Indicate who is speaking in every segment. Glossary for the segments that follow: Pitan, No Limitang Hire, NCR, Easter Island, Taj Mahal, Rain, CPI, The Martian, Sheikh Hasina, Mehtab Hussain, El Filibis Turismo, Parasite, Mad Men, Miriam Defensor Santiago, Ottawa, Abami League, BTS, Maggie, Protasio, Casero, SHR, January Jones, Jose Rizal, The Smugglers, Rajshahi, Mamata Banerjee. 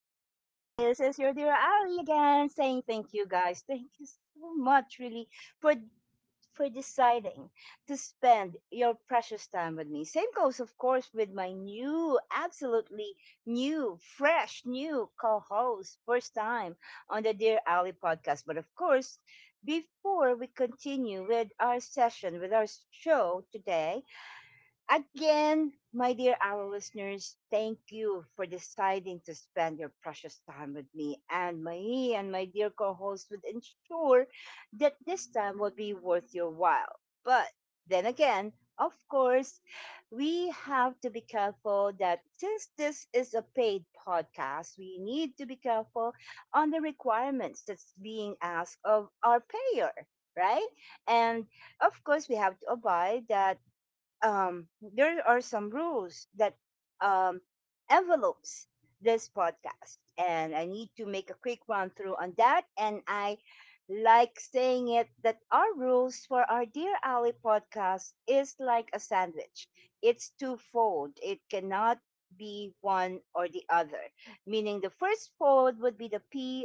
Speaker 1: is your dear Ali again saying thank you guys. Thank you so much, really, for for deciding to spend your precious time with me. Same goes, of course, with my new, absolutely new, fresh, new co-host, first time on the Dear Ali podcast. But of course, before we continue with our session, with our show today, again, my dear our listeners, thank you for deciding to spend your precious time with me and Mahi and my dear co-host would ensure that this time will be worth your while. But then again, of course, we have to be careful that since this is a paid podcast, we need to be careful on the requirements that's being asked of our payer, right? And of course, we have to abide that um, there are some rules that um, envelopes this podcast and I need to make a quick run through on that. And I like saying it that our rules for our Dear Ali podcast is like a sandwich. It's twofold, it cannot be one or the other, meaning the first fold would be the PII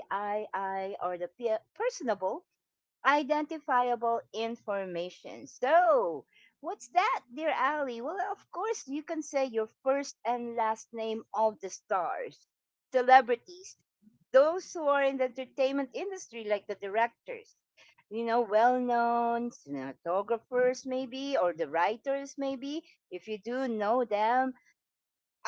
Speaker 1: or the P, personable identifiable information. So, what's that, dear Ali? Well, of course, you can say your first and last name of the stars, celebrities, those who are in the entertainment industry, like the directors, you know, well known cinematographers, maybe, or the writers, maybe, if you do know them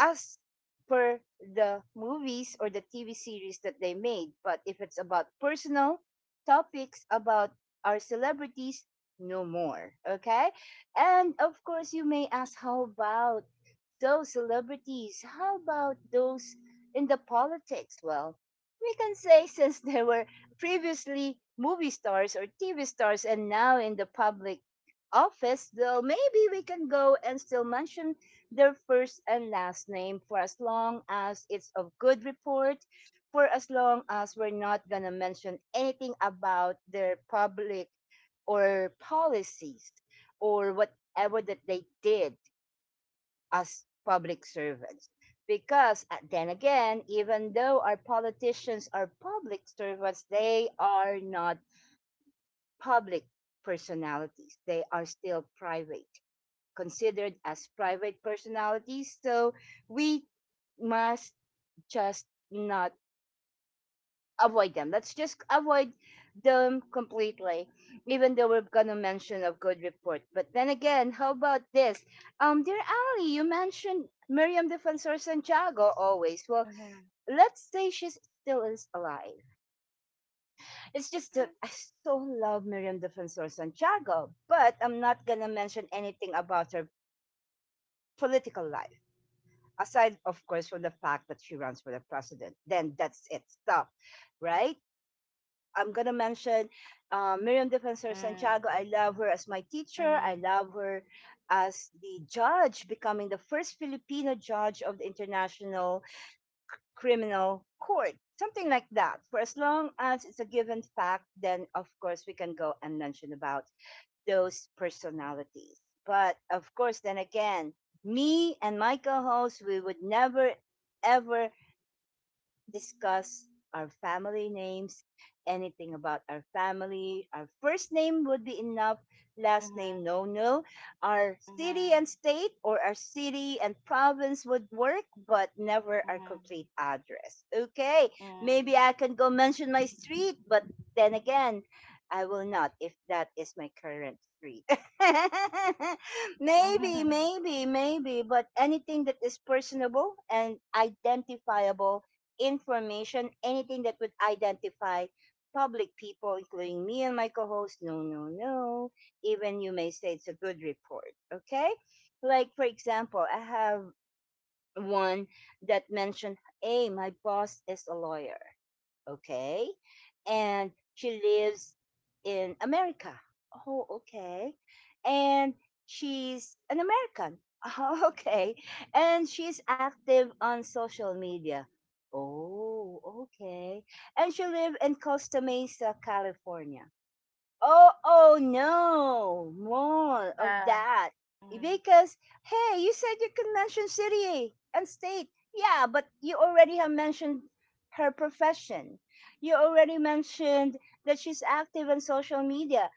Speaker 1: as per the movies or the TV series that they made. But if it's about personal topics about our celebrities, no more. Okay. And of course, you may ask, how about those celebrities, how about those in the politics? Well, we can say since they were previously movie stars or TV stars and now in the public office, though maybe we can go and still mention their first and last name for as long as it's of good report, for as long as we're not going to mention anything about their public or policies or whatever that they did as public servants. Because then again, even though our politicians are public servants, they are not public personalities. They are still private, considered as private personalities. So we must just not avoid them. Let's just avoid them completely, even though we're gonna mention a good report. But then again, how about this? Dear Ali, you mentioned Miriam Defensor Santiago always. Well,
Speaker 2: Mhm,
Speaker 1: let's say she's still is alive. It's just that
Speaker 2: mhm,
Speaker 1: I so love Miriam Defensor Santiago, but I'm not gonna mention anything about her political life aside of course from the fact that she runs for the president, then that's it. Stop. Right, I'm gonna mention Miriam Defensor
Speaker 2: mhm,
Speaker 1: Santiago. I love her as my teacher. I
Speaker 2: mhm,
Speaker 1: love her as the judge, becoming the first Filipino judge of the International Criminal Court. Something like that. For as long as it's a given fact, then of course we can go and mention about those personalities. But of course, then again, me and my co-host, we would never ever discuss our family names, anything about our family. Our first name would be enough, last name,
Speaker 2: mhm,
Speaker 1: no, no. Our city
Speaker 2: mhm,
Speaker 1: and state or our city and province would work, but never our
Speaker 2: mhm,
Speaker 1: complete address. Okay,
Speaker 2: mhm,
Speaker 1: maybe I can go mention my street, but then again, I will not if that is my current street. Maybe,
Speaker 2: mhm.
Speaker 1: maybe, maybe, but anything that is personable and identifiable information, anything that would identify public people, including me and my co host. No, no, no. Even you may say it's a good report. Okay. Like, for example, I have one that mentioned, hey, my boss is a lawyer. Okay. And she lives in America. Oh, okay. And she's an American. Oh, okay. And she's active on social media. Oh, okay. And she lives in Costa Mesa, California. Oh, oh no, more of
Speaker 2: Yeah.
Speaker 1: that.
Speaker 2: Mhm,
Speaker 1: Because, hey, you said you could mention city and state. Yeah, but you already have mentioned her profession. You already mentioned that she's active on social media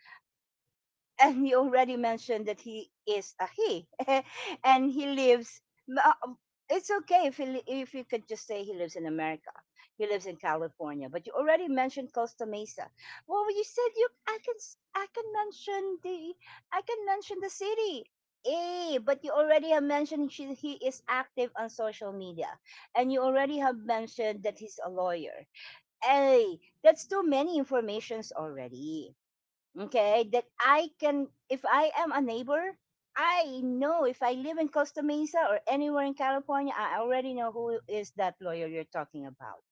Speaker 1: and you already mentioned that he is a he and he lives uh, um, it's okay if he, if you could just say he lives in America, he lives in California, but you already mentioned Costa Mesa. Well, you said you I can mention the I can mention the city. Eh, but you already have mentioned she, he is active on social media and you already have mentioned that he's a lawyer. Hey, that's too many informations already. Okay, that I can, if I am a neighbor, I know if I live in Costa Mesa or anywhere in California, I already know who is that lawyer you're talking about.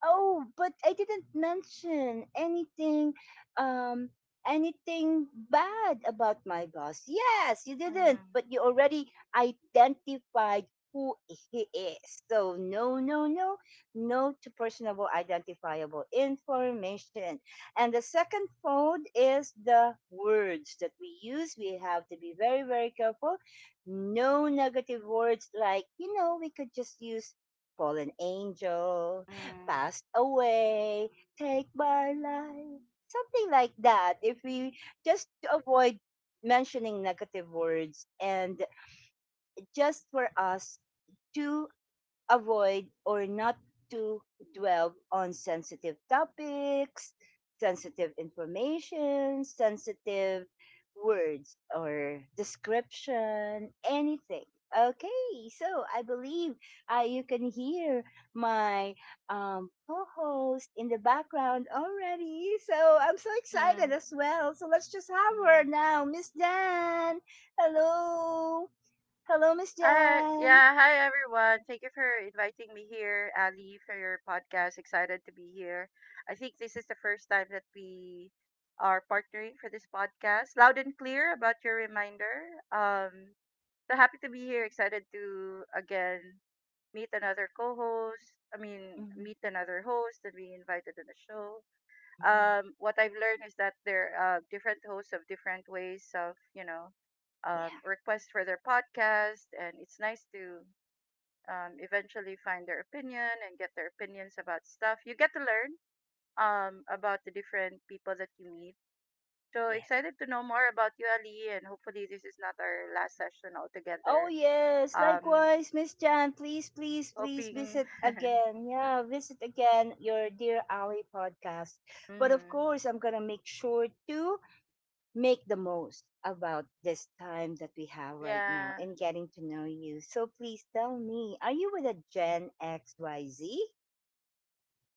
Speaker 1: Oh, but I didn't mention anything um anything bad about my boss. Yes, you didn't,
Speaker 2: mhm,
Speaker 1: but you already identified who he is. So no, no, no. No to personable identifiable information. And the second fold is the words that we use. We have to be very, very careful. No negative words like, you know, we could just use fallen angel,
Speaker 2: mhm,
Speaker 1: passed away, take my life. Something like that. If we just to avoid mentioning negative words and just for us to avoid or not to dwell on sensitive topics, sensitive information, sensitive words or description, anything. Okay, so I believe you can hear my co-host in the background already. So I'm so excited
Speaker 2: mhm,
Speaker 1: as well. So let's just have her
Speaker 2: mhm.
Speaker 1: now, Miss Jan. Hello, hello, Miss
Speaker 2: Hi,
Speaker 1: Jan.
Speaker 2: yeah, hi everyone. Thank you for inviting me here, Ali, for your podcast. Excited to be here. I think this is the first time that we are partnering for this podcast. Loud and clear about your reminder. So happy to be here. Excited to again meet another co-host. I mean, meet another host and being invited on the show.
Speaker 1: Mhm.
Speaker 2: What I've learned is that there are different hosts of different ways of requests for their podcast, and it's nice to eventually find their opinion and get their opinions about stuff. You get to learn about the different people that you meet. So
Speaker 1: Yes.
Speaker 2: excited to know more about you, Ali, and hopefully this is not our last session
Speaker 1: Oh
Speaker 2: altogether.
Speaker 1: yes.
Speaker 2: Um,
Speaker 1: Likewise, Miss Jan, please, please, please
Speaker 2: Hoping,
Speaker 1: visit again. Yeah, visit again your Dear Ali podcast. But of
Speaker 2: mm-hmm,
Speaker 1: course, I'm gonna make sure to make the most about this time that we have right now
Speaker 2: yeah.
Speaker 1: and getting to know you. So please tell me, are you with a Gen XYZ?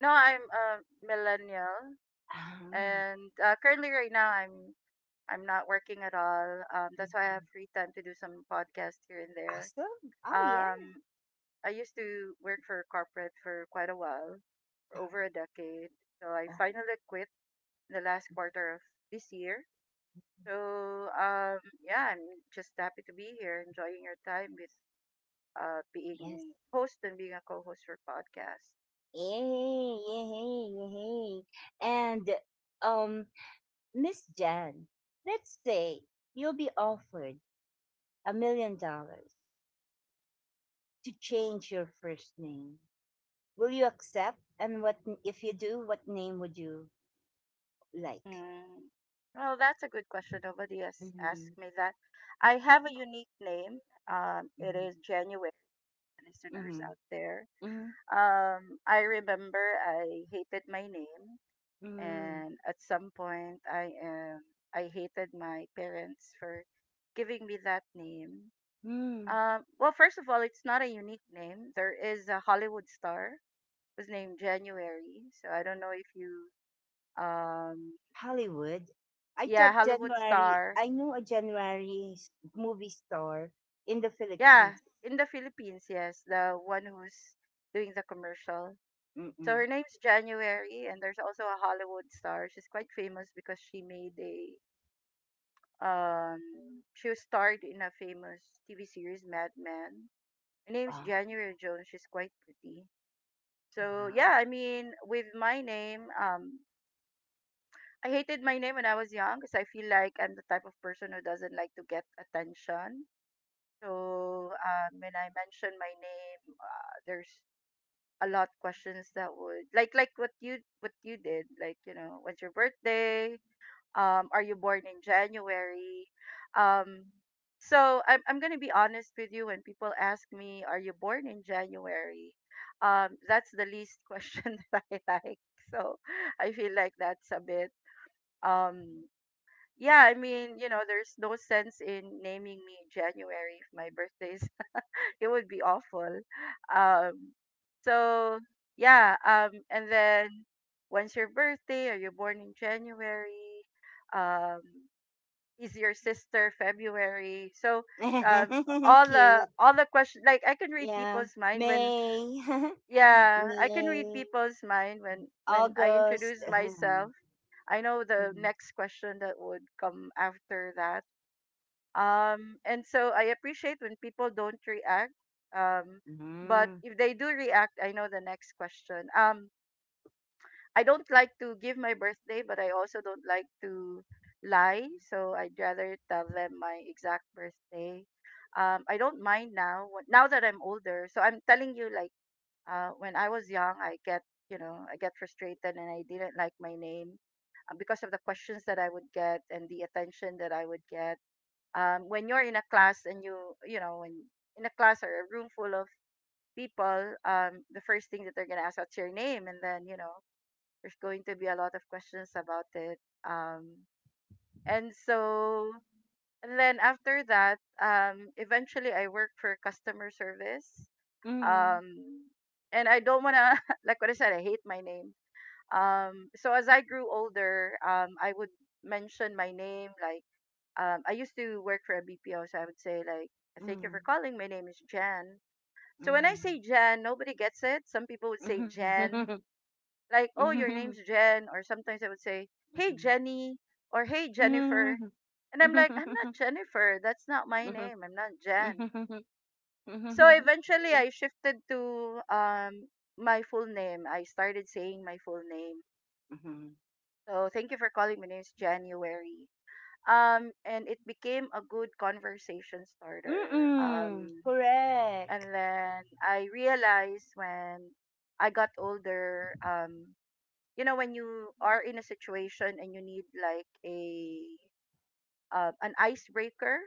Speaker 2: No, I'm a millennial,
Speaker 1: Ah,
Speaker 2: and currently right now I'm not working at all. That's why I have
Speaker 1: mhm.
Speaker 2: free time to do some podcast here and there.
Speaker 1: Awesome. Oh yeah.
Speaker 2: Um, I used to work for corporate for quite a while, for over a decade. So I
Speaker 1: Oh
Speaker 2: finally quit the last quarter of this year. So um, yeah, I'm just happy to be here, enjoying your time with
Speaker 1: yes.
Speaker 2: being host and being a co-host for podcast.
Speaker 1: Yay, yay, yay. And um Miss Jan, let's say you'll be offered $1 million to change your first name. Will you accept? And what if you do? What name would you like?
Speaker 2: Mm. Well, that's a good question. Nobody has asked
Speaker 1: Mm-hmm,
Speaker 2: me that. I have a unique name. It
Speaker 1: mm-hmm,
Speaker 2: is January. Listeners
Speaker 1: mm-hmm,
Speaker 2: out there,
Speaker 1: mm-hmm,
Speaker 2: I remember I hated my name,
Speaker 1: mm-hmm,
Speaker 2: and at some point, I hated my parents for giving me that name.
Speaker 1: mm-hmm.
Speaker 2: Well, first of all, it's not a unique name. There is a Hollywood star who's named January, so I don't know if you um,
Speaker 1: Hollywood. I
Speaker 2: yeah,
Speaker 1: thought
Speaker 2: Hollywood
Speaker 1: January.
Speaker 2: star.
Speaker 1: I know a movie star in the
Speaker 2: Yeah,
Speaker 1: Philippines.
Speaker 2: in the Philippines, yes, the one who's doing the commercial. So
Speaker 1: Mm-mm.
Speaker 2: her name's January, and there's also a Hollywood star. She's quite famous because she made a um she was starred in a famous TV series, Mad Men. Her name's
Speaker 1: Oh
Speaker 2: January Jones. She's quite pretty. So
Speaker 1: wow,
Speaker 2: yeah, I mean, with my name, I hated my name when I was young because I feel like I'm the type of person who doesn't like to get attention. So when I mention my name, there's a lot questions that would like what you did, like, when's your birthday? Are you born in January? um so I'm gonna be honest with you when people ask me, are you born in January? That's the least question that I like. So I feel like that's a bit um yeah, I mean, you know, there's no sense in naming me January if my birthday is it would be awful. Um, so yeah, and then when's your birthday? Are you born in January? Um, is your sister February? So um, all the
Speaker 1: cute.
Speaker 2: all the questions, like, I can read
Speaker 1: Yeah,
Speaker 2: people's mind when,
Speaker 1: May.
Speaker 2: yeah, I can read
Speaker 1: May.
Speaker 2: people's mind when I introduce
Speaker 1: August.
Speaker 2: myself.
Speaker 1: Mhm,
Speaker 2: I know the
Speaker 1: mhm,
Speaker 2: next question that would come after that. And so I appreciate when people don't react. Um, but
Speaker 1: mhm,
Speaker 2: if they do react, I know the next question. I don't like to give my birthday, but I also don't like to lie. So I'd rather tell them my exact birthday. I don't mind now. Now that I'm older, so I'm telling you, like, when I was young, I get, you know, I get frustrated and I didn't like my name because of the questions that I would get and the attention that I would get when you're in a class and you know when in a class or a room full of people, the first thing that they're going to ask, what's your name? And then, you know, there's going to be a lot of questions about it um, and so and then after that eventually I worked for customer service. um, and I don't want to like what I said, I hate my name. So as I grew older, I would mention my name like, I used to work for a BPO, so I would say like,
Speaker 1: mhm,
Speaker 2: "Thank you for
Speaker 1: mhm,
Speaker 2: calling. My name is Jan." So when I say Jan, nobody gets it. Some people would say
Speaker 1: mhm,
Speaker 2: Jan,
Speaker 1: mhm,
Speaker 2: like, "Oh, your name's Jan," or sometimes I would say, "Hey Jenny," or "Hey Jennifer," and I'm like, "I'm not
Speaker 1: mhm,
Speaker 2: Jennifer. That's not my
Speaker 1: mhm,
Speaker 2: name. I'm not Jan."
Speaker 1: mhm.
Speaker 2: So eventually, I shifted to my full name. I started saying my full name. So thank you for calling. My name is January. And it became a good conversation starter.
Speaker 1: Mm-mm. Correct.
Speaker 2: And then I realized when I got older, you know when you are in a situation and you need like a an icebreaker,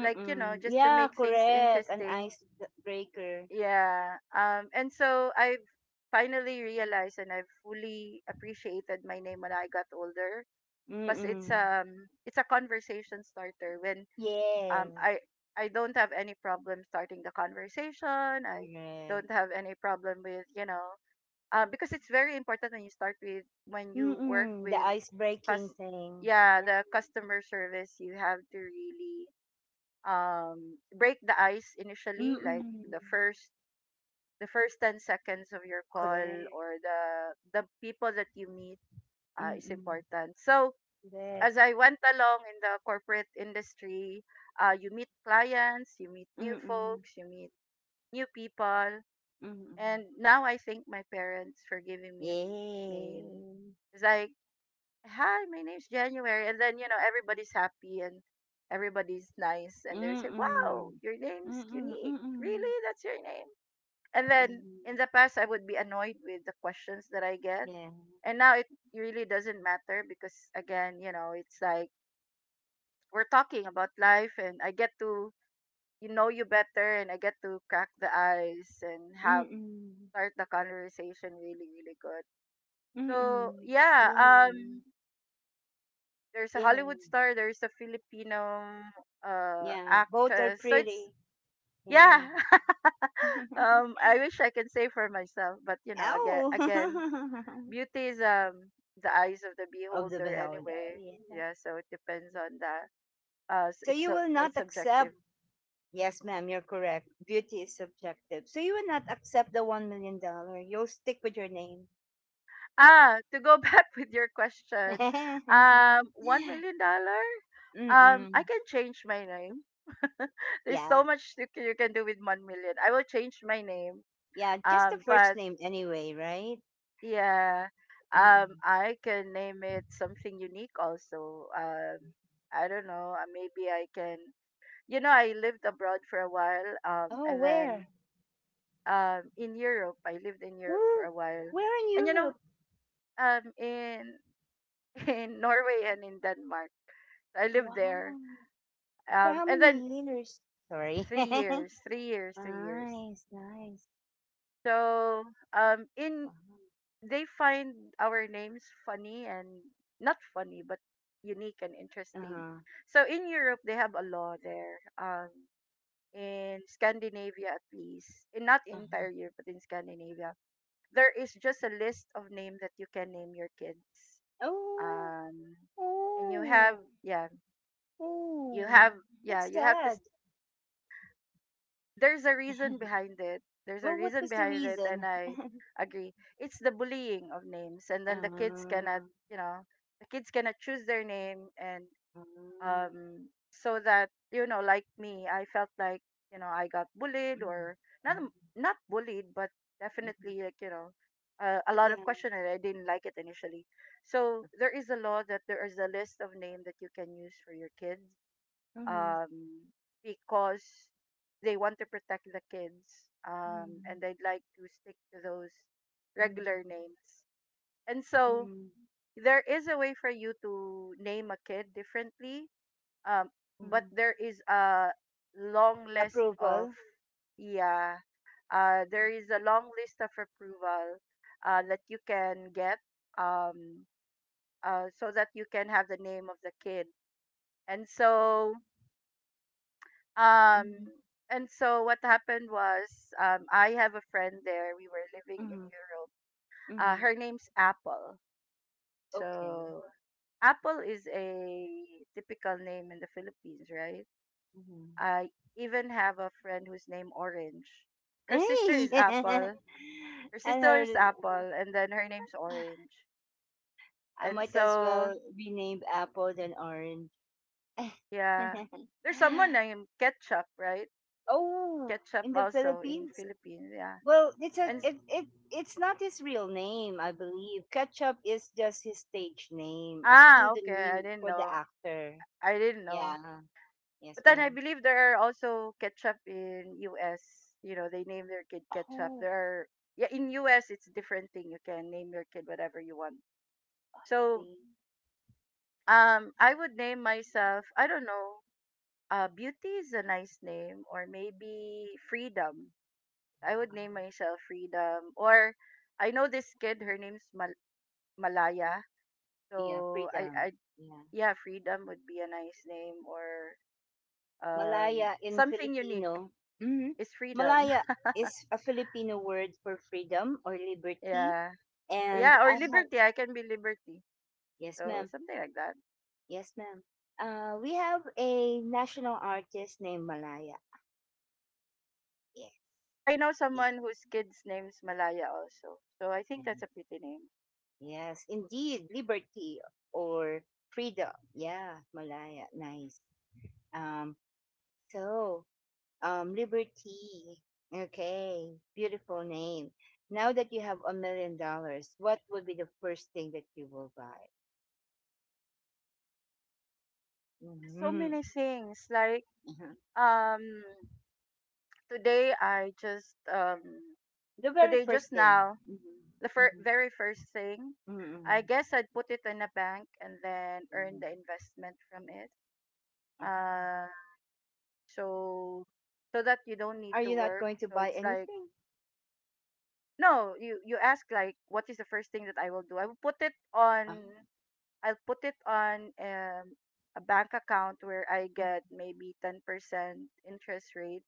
Speaker 2: like, you know, just to
Speaker 1: Yeah,
Speaker 2: make things
Speaker 1: correct. An
Speaker 2: interesting,
Speaker 1: icebreaker.
Speaker 2: yeah. And so I've finally realized and I've fully appreciated my name when I got older because it's
Speaker 1: Mm-mm.
Speaker 2: um it's a conversation starter when um,
Speaker 1: Yes,
Speaker 2: I I don't have any problem starting the conversation. I don't
Speaker 1: correct.
Speaker 2: have any problem with, you know, because it's very important when you start with when you work
Speaker 1: Mm-mm. The
Speaker 2: with
Speaker 1: ice
Speaker 2: cus
Speaker 1: breaking thing.
Speaker 2: yeah,
Speaker 1: Yeah.
Speaker 2: the customer service. You have to really break the ice initially, like
Speaker 1: Mm-mm.
Speaker 2: the first 10 seconds of your call
Speaker 1: Correct.
Speaker 2: or the people that you meet is
Speaker 1: Mm.
Speaker 2: important. So as
Speaker 1: Correct.
Speaker 2: I went along in the corporate industry, you meet clients, you meet new
Speaker 1: Mm.
Speaker 2: folks, you meet new people.
Speaker 1: Mm.
Speaker 2: And now I thank my parents for giving me a unique name.
Speaker 1: Yay!
Speaker 2: It's like, hi, my name's January. And then, you know, everybody's happy and everybody's nice. And they say, wow,
Speaker 1: Mm.
Speaker 2: your name's
Speaker 1: Mm,
Speaker 2: unique.
Speaker 1: mm.
Speaker 2: Really? That's your name? And then
Speaker 1: Mm.
Speaker 2: in the past, I would be annoyed with the questions that I get.
Speaker 1: Yeah.
Speaker 2: And now it really doesn't matter because, again, you know, it's like, we're talking about life and I get to you know you better and I get to crack the ice and have
Speaker 1: Mm.
Speaker 2: start the conversation really really good. So
Speaker 1: Mm.
Speaker 2: yeah,
Speaker 1: Yay!
Speaker 2: there's a
Speaker 1: Yeah.
Speaker 2: Hollywood star, there's a Filipino
Speaker 1: Yeah, both are
Speaker 2: actress. So it's,
Speaker 1: pretty. Yeah.
Speaker 2: yeah. I wish I can say for myself, but, you know, again,
Speaker 1: Oh,
Speaker 2: beauty is the eyes of the
Speaker 1: of the
Speaker 2: beholder
Speaker 1: beholder.
Speaker 2: anyway.
Speaker 1: Yeah.
Speaker 2: Yeah, so it depends on that.
Speaker 1: So
Speaker 2: It's
Speaker 1: you will
Speaker 2: quite
Speaker 1: not accept.
Speaker 2: subjective.
Speaker 1: Yes, ma'am, you're correct. Beauty is subjective. So you will not accept the $1 million. You'll stick with your name.
Speaker 2: Ah, to go back with your question, one million dollar. I
Speaker 1: Mm-mm.
Speaker 2: can change my name. There's
Speaker 1: Yeah.
Speaker 2: so much you can do with 1 million. I will change my name.
Speaker 1: Yeah, just the first
Speaker 2: But
Speaker 1: name anyway, right?
Speaker 2: yeah,
Speaker 1: Mm-mm.
Speaker 2: I can name it something unique also. I don't know. Maybe I can. You know, I lived abroad for a while.
Speaker 1: Oh,
Speaker 2: And then
Speaker 1: where?
Speaker 2: in Europe, I lived in Europe for
Speaker 1: Ooh,
Speaker 2: a while.
Speaker 1: where in
Speaker 2: And you know,
Speaker 1: Europe?
Speaker 2: in in Norway and in Denmark. I lived there.
Speaker 1: Wow. For how
Speaker 2: And then
Speaker 1: many years? Sorry.
Speaker 2: three years, 3 years, 3 years.
Speaker 1: Nice, nice.
Speaker 2: So in
Speaker 1: Wow.
Speaker 2: they find our names funny and not funny, but unique and interesting.
Speaker 1: Uh-huh.
Speaker 2: So in Europe, they have a law there. In Scandinavia, at least, in not
Speaker 1: Uh-huh.
Speaker 2: entire Europe, but in Scandinavia, there is just a list of names that you can name your kids.
Speaker 1: Oh,
Speaker 2: Um, and you have,
Speaker 1: oh,
Speaker 2: yeah, you
Speaker 1: oh.
Speaker 2: have, yeah,
Speaker 1: That's
Speaker 2: you have to
Speaker 1: sad.
Speaker 2: there's a reason behind it. There's a
Speaker 1: Well, what
Speaker 2: reason
Speaker 1: was the
Speaker 2: behind it, and
Speaker 1: reason?
Speaker 2: I agree. It's the bullying of names, and
Speaker 1: Uh,
Speaker 2: then the kids cannot,
Speaker 1: uh,
Speaker 2: you know, the kids cannot choose their name, and
Speaker 1: mm,
Speaker 2: so that you know, like me, I felt like you know I got bullied or not,
Speaker 1: mm,
Speaker 2: not bullied, but
Speaker 1: mhm.
Speaker 2: definitely like, you know. A lot of
Speaker 1: Yeah.
Speaker 2: question and I didn't like it initially. So there is a law that there is a list of name that you can use for your kids
Speaker 1: Mhm.
Speaker 2: um, because they want to protect the kids
Speaker 1: Mhm,
Speaker 2: and they'd like to stick to those
Speaker 1: mhm,
Speaker 2: regular names. And so
Speaker 1: mm,
Speaker 2: there is a way for you to name a kid differently, um, but
Speaker 1: mm.
Speaker 2: there is a long list of,
Speaker 1: Approval.
Speaker 2: yeah, there is a long list of approval that you can get um, so that you can have the name of the kid. And so. Um,
Speaker 1: Mhm,
Speaker 2: and so what happened was, I have a friend there. We were living in
Speaker 1: mhm,
Speaker 2: Europe.
Speaker 1: mhm.
Speaker 2: Her name's Apple.
Speaker 1: Okay.
Speaker 2: So Apple is a typical name in the Philippines, right?
Speaker 1: Mhm.
Speaker 2: I even have a friend whose name Orange. Her sister
Speaker 1: Hey,
Speaker 2: is Apple. Her
Speaker 1: I
Speaker 2: sister
Speaker 1: heard
Speaker 2: is
Speaker 1: it.
Speaker 2: Apple, and then her name's Orange.
Speaker 1: I
Speaker 2: And
Speaker 1: might as
Speaker 2: so
Speaker 1: well be named apple than orange.
Speaker 2: yeah, there's someone named Ketchup, right?
Speaker 1: Oh,
Speaker 2: Ketchup
Speaker 1: in the
Speaker 2: also in
Speaker 1: Philippines?
Speaker 2: Philippines, yeah.
Speaker 1: Well, it's a
Speaker 2: And s-
Speaker 1: it, it it's not his real name, I believe. Ketchup is just his stage name, a
Speaker 2: ah, okay, I
Speaker 1: pseudonym
Speaker 2: didn't
Speaker 1: for the
Speaker 2: know.
Speaker 1: actor.
Speaker 2: I didn't know.
Speaker 1: Yeah. Yes,
Speaker 2: But then I
Speaker 1: ma'am.
Speaker 2: believe there are also ketchup in US. You know, they name their kid ketchup.
Speaker 1: Oh,
Speaker 2: There are yeah, in US it's a different thing. You can name your kid whatever you want. So
Speaker 1: see.
Speaker 2: I would name myself, I don't know, beauty is a nice name, or maybe freedom. I would name myself freedom, or I know this kid, her Malaya.
Speaker 1: Yeah,
Speaker 2: So I
Speaker 1: freedom.
Speaker 2: I
Speaker 1: Yeah.
Speaker 2: yeah, freedom would be a nice name, or
Speaker 1: Malaya in
Speaker 2: something unique
Speaker 1: Filipino. Hmm.
Speaker 2: is freedom.
Speaker 1: Malaya is a Filipino word for freedom or liberty.
Speaker 2: Yeah.
Speaker 1: And
Speaker 2: Yeah, or
Speaker 1: I have,
Speaker 2: Liberty. I can be Liberty.
Speaker 1: yes,
Speaker 2: So
Speaker 1: ma'am.
Speaker 2: something like that.
Speaker 1: Yes, ma'am. We have a national artist named Malaya. Yes.
Speaker 2: I know
Speaker 1: ye-
Speaker 2: someone whose kid's name's Malaya also. So I think
Speaker 1: Ma'am.
Speaker 2: that's a pretty name.
Speaker 1: Yes, indeed. Liberty or freedom. Yeah, Malaya. Nice. Um, so, Liberty. Okay, beautiful name. Now that you have $1 million, what would be the first thing that you will buy?
Speaker 2: So
Speaker 1: Mhm.
Speaker 2: many things. Like
Speaker 1: Mhm.
Speaker 2: um today I just
Speaker 1: The very
Speaker 2: today
Speaker 1: first
Speaker 2: just
Speaker 1: thing.
Speaker 2: now, the
Speaker 1: Mm-hmm. Mm-hmm.
Speaker 2: very first thing, I
Speaker 1: Mm-hmm.
Speaker 2: guess I'd put it in a bank and then earn the
Speaker 1: Mm-hmm.
Speaker 2: investment from it. Uh so so that you don't need
Speaker 1: Are
Speaker 2: to
Speaker 1: you not
Speaker 2: work.
Speaker 1: going to
Speaker 2: So
Speaker 1: buy
Speaker 2: it's like
Speaker 1: anything?
Speaker 2: no, you ask like what is the first thing that I will do. I will put it on,
Speaker 1: Ah,
Speaker 2: I'll put it on, a bank account where I
Speaker 1: mm,
Speaker 2: get maybe 10% interest rate.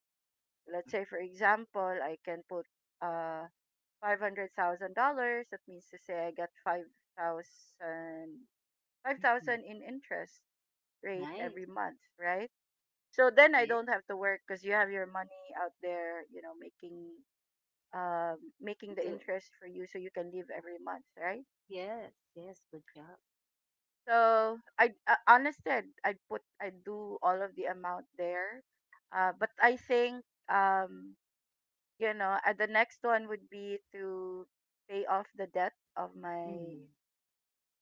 Speaker 2: Let's say, for example, I can put uh $500,000. That means to say, I get thousand five
Speaker 1: mhm.
Speaker 2: thousand in interest rate every
Speaker 1: Nice.
Speaker 2: month, right? So then I
Speaker 1: Yes.
Speaker 2: don't have to work because you have your money out there, you know, making uh, making the
Speaker 1: Do,
Speaker 2: interest for you, so you can live every month, right?
Speaker 1: yes. Yes. Good job.
Speaker 2: So I, honestly, I'd put I'd do all of the amount there, but I think, um, you know, the next one would be to pay off the debt of my,
Speaker 1: Mm.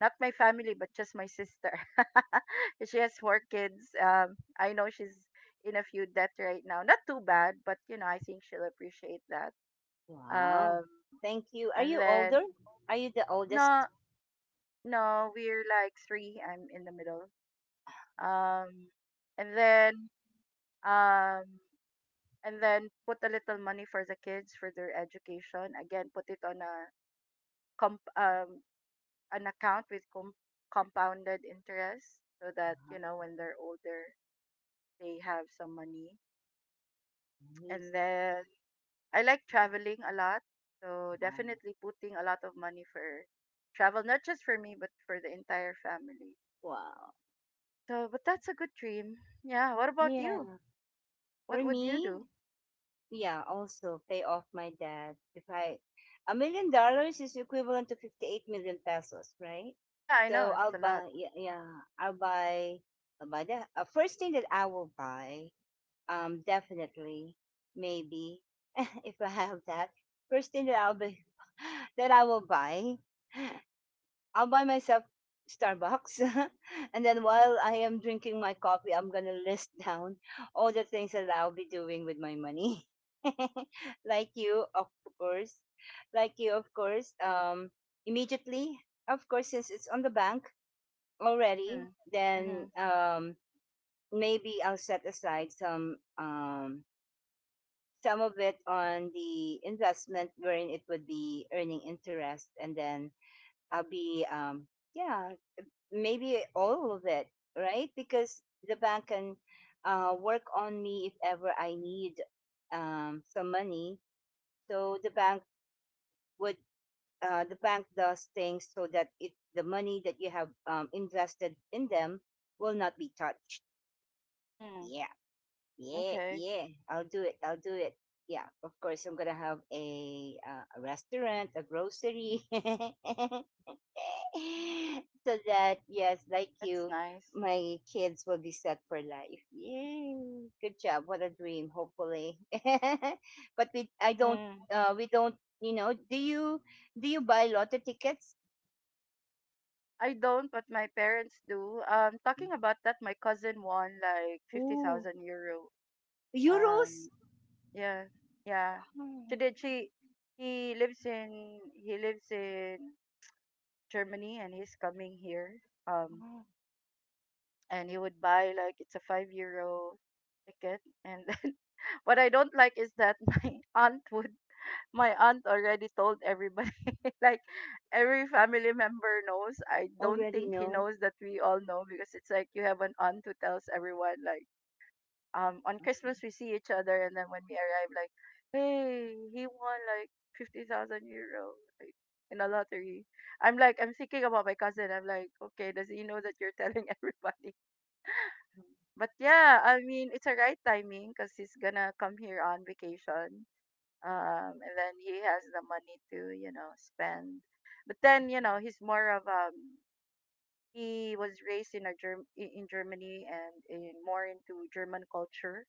Speaker 2: not my family, but just my sister. She has four kids. I know she's in a few debt right now. Not too bad, but you know, I think she'll appreciate that.
Speaker 1: Wow.
Speaker 2: Um,
Speaker 1: Thank you. Are
Speaker 2: and
Speaker 1: you
Speaker 2: then
Speaker 1: older? Are you the oldest?
Speaker 2: no, no, we're like three. I'm in the middle. Um, and then, um, and then put a little money for the kids for their education. Again, put it on a comp an account with compounded interest, so that,
Speaker 1: Wow.
Speaker 2: you know, when they're older, they have some money.
Speaker 1: Nice.
Speaker 2: And then I like traveling a lot, so
Speaker 1: Wow.
Speaker 2: definitely putting a lot of money for travel, not just for me but for the entire family.
Speaker 1: Wow.
Speaker 2: So, but that's a good dream. Yeah. What about you?
Speaker 1: Yeah. For
Speaker 2: What would you
Speaker 1: me,
Speaker 2: do?
Speaker 1: yeah, also pay off my debt. If I, $1 million is equivalent to 58 million pesos, right?
Speaker 2: Yeah, I know
Speaker 1: So I'll
Speaker 2: it's a lot.
Speaker 1: buy, yeah, yeah I'll buy, I'll buy the first thing that I will buy, definitely, maybe, if I have that, first thing that I'll be, that I will buy I'll buy myself Starbucks. And then while I am drinking my coffee, I'm going to list down all the things that I'll be doing with my money. Like you, of course. Like you, of course. Immediately, of course, since it's on the bank already,
Speaker 2: Mm.
Speaker 1: then
Speaker 2: Mm-hmm.
Speaker 1: maybe I'll set aside some of it on the investment wherein it would be earning interest, and then I'll be yeah, maybe all of it, right? Because the bank can work on me if ever I need some money. So would, the bank does things so that it the money that you have invested in them will not be touched.
Speaker 2: Mm.
Speaker 1: Yeah, yeah,
Speaker 2: Okay,
Speaker 1: yeah. I'll do it. I'll do it. Yeah, of course, I'm gonna have a restaurant, a grocery. So that yes, like
Speaker 2: that's
Speaker 1: you,
Speaker 2: nice.
Speaker 1: my kids will be set for life. Yay! Good job. What a dream. Hopefully, but we I don't
Speaker 2: Mm.
Speaker 1: we don't you know do you buy lotto tickets?
Speaker 2: I don't, but my parents do. Talking about that, my cousin won like fifty
Speaker 1: Ooh,
Speaker 2: thousand euro. Um,
Speaker 1: euros.
Speaker 2: yeah, yeah. She
Speaker 1: Hmm.
Speaker 2: did. She he lives in Germany, and he's coming here.
Speaker 1: Ah,
Speaker 2: Um, and he would buy like it's a €5 ticket, and then what I don't like is that my aunt would my aunt already told everybody, like every family member knows. I don't
Speaker 1: already
Speaker 2: think he
Speaker 1: know.
Speaker 2: knows that we all know, because it's like you have an aunt who tells everyone. Like, on Christmas we see each other, and then when we arrive, like, hey, he won like €50,000, like, in a lottery. I'm like, I'm thinking about my cousin. I'm like, okay, does he know that you're telling everybody? But yeah, I mean, it's a right timing because he's gonna come here on vacation. Um, and then he has the money to, you know, spend. But then, you know, he's more of, he was raised in Germany and in more into German culture.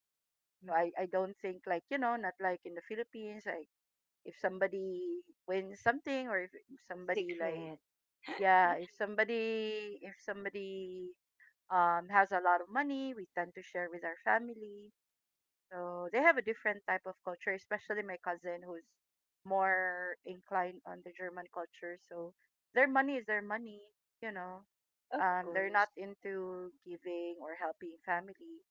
Speaker 2: So
Speaker 1: Mhm.
Speaker 2: I don't think like, you know, not like in the Philippines. Like, if somebody wins something, or if somebody like,
Speaker 1: Secret,
Speaker 2: yeah, if somebody has a lot of money, we tend to share with our family. So they have a different type of culture, especially my cousin who's more inclined on the German culture. So their money is their money, you know.
Speaker 1: of
Speaker 2: They're not
Speaker 1: course.
Speaker 2: into giving or helping family.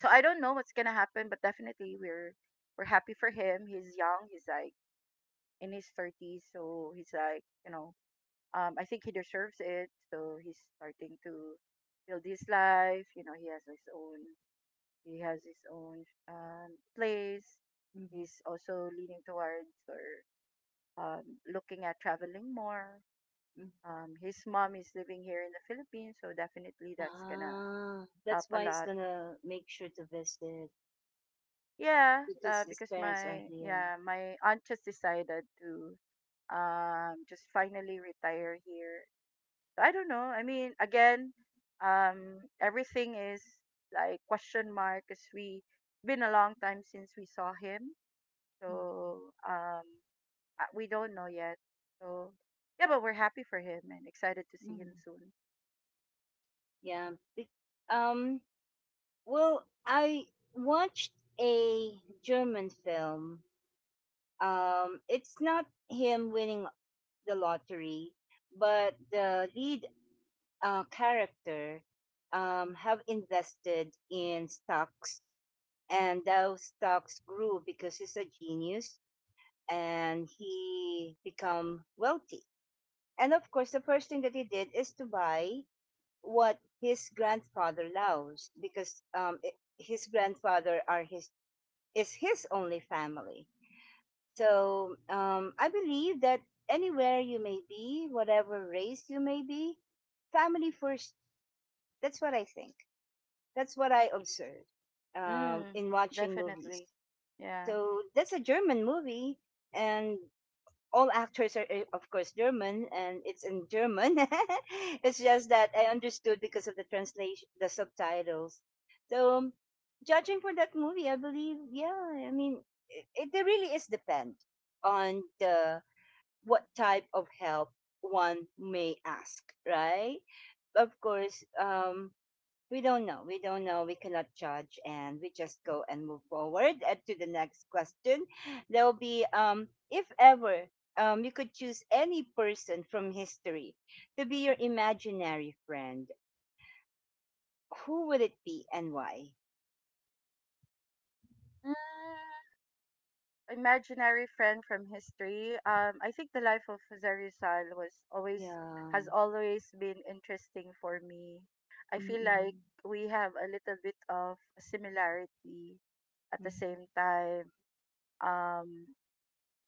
Speaker 2: So I don't know what's gonna happen, but definitely we're happy for him. He's young. He's like in his thirties, so he's like, you know. I think he deserves it. So he's starting to build his life. You know, he has his own, place. He's
Speaker 1: Mhm.
Speaker 2: also leaning towards, or um, looking at traveling more. His mom is living here in the Philippines, so definitely that's gonna
Speaker 1: Ah,
Speaker 2: help
Speaker 1: that's
Speaker 2: a
Speaker 1: why he's
Speaker 2: lot.
Speaker 1: gonna make sure to visit
Speaker 2: Yeah,
Speaker 1: because his
Speaker 2: because
Speaker 1: parents are
Speaker 2: my,
Speaker 1: here.
Speaker 2: yeah, my aunt just decided to, just finally retire here. I don't know. I mean, again, everything is like question mark, because we been a long time since we saw him. So we don't know yet. So yeah, but we're happy for him and excited to see him
Speaker 1: Mm,
Speaker 2: soon.
Speaker 1: yeah. Um. Well, I watched a German film. It's not him winning the lottery, but the lead character have invested in stocks, and those stocks grew because he's a genius, and he become wealthy. And of course, the first thing that he did is to buy what his grandfather loves because his grandfather are his is his only family. So I believe that anywhere you may be, whatever race you may be, family first. That's what I think. That's what I observe
Speaker 2: Mm,
Speaker 1: in watching
Speaker 2: definitely.
Speaker 1: movies.
Speaker 2: Yeah.
Speaker 1: So that's a German movie, and all actors are of course German and it's in German. It's just that I understood because of the translation, the subtitles. So judging for that movie, I believe, yeah, I mean, it there really is depend on the what type of help one may ask, right? Of course, we don't know. We don't know. We cannot judge, and we just go and move forward to the next question. There will be, if ever, you could choose any person from history to be your imaginary friend. Who would it be, and why?
Speaker 2: Mm, imaginary friend from history. I think the life of Jose Rizal was always,
Speaker 1: Yeah.
Speaker 2: has always been interesting for me. I feel like
Speaker 1: Mm-mm.
Speaker 2: we have a little bit of similarity at the same time. Um,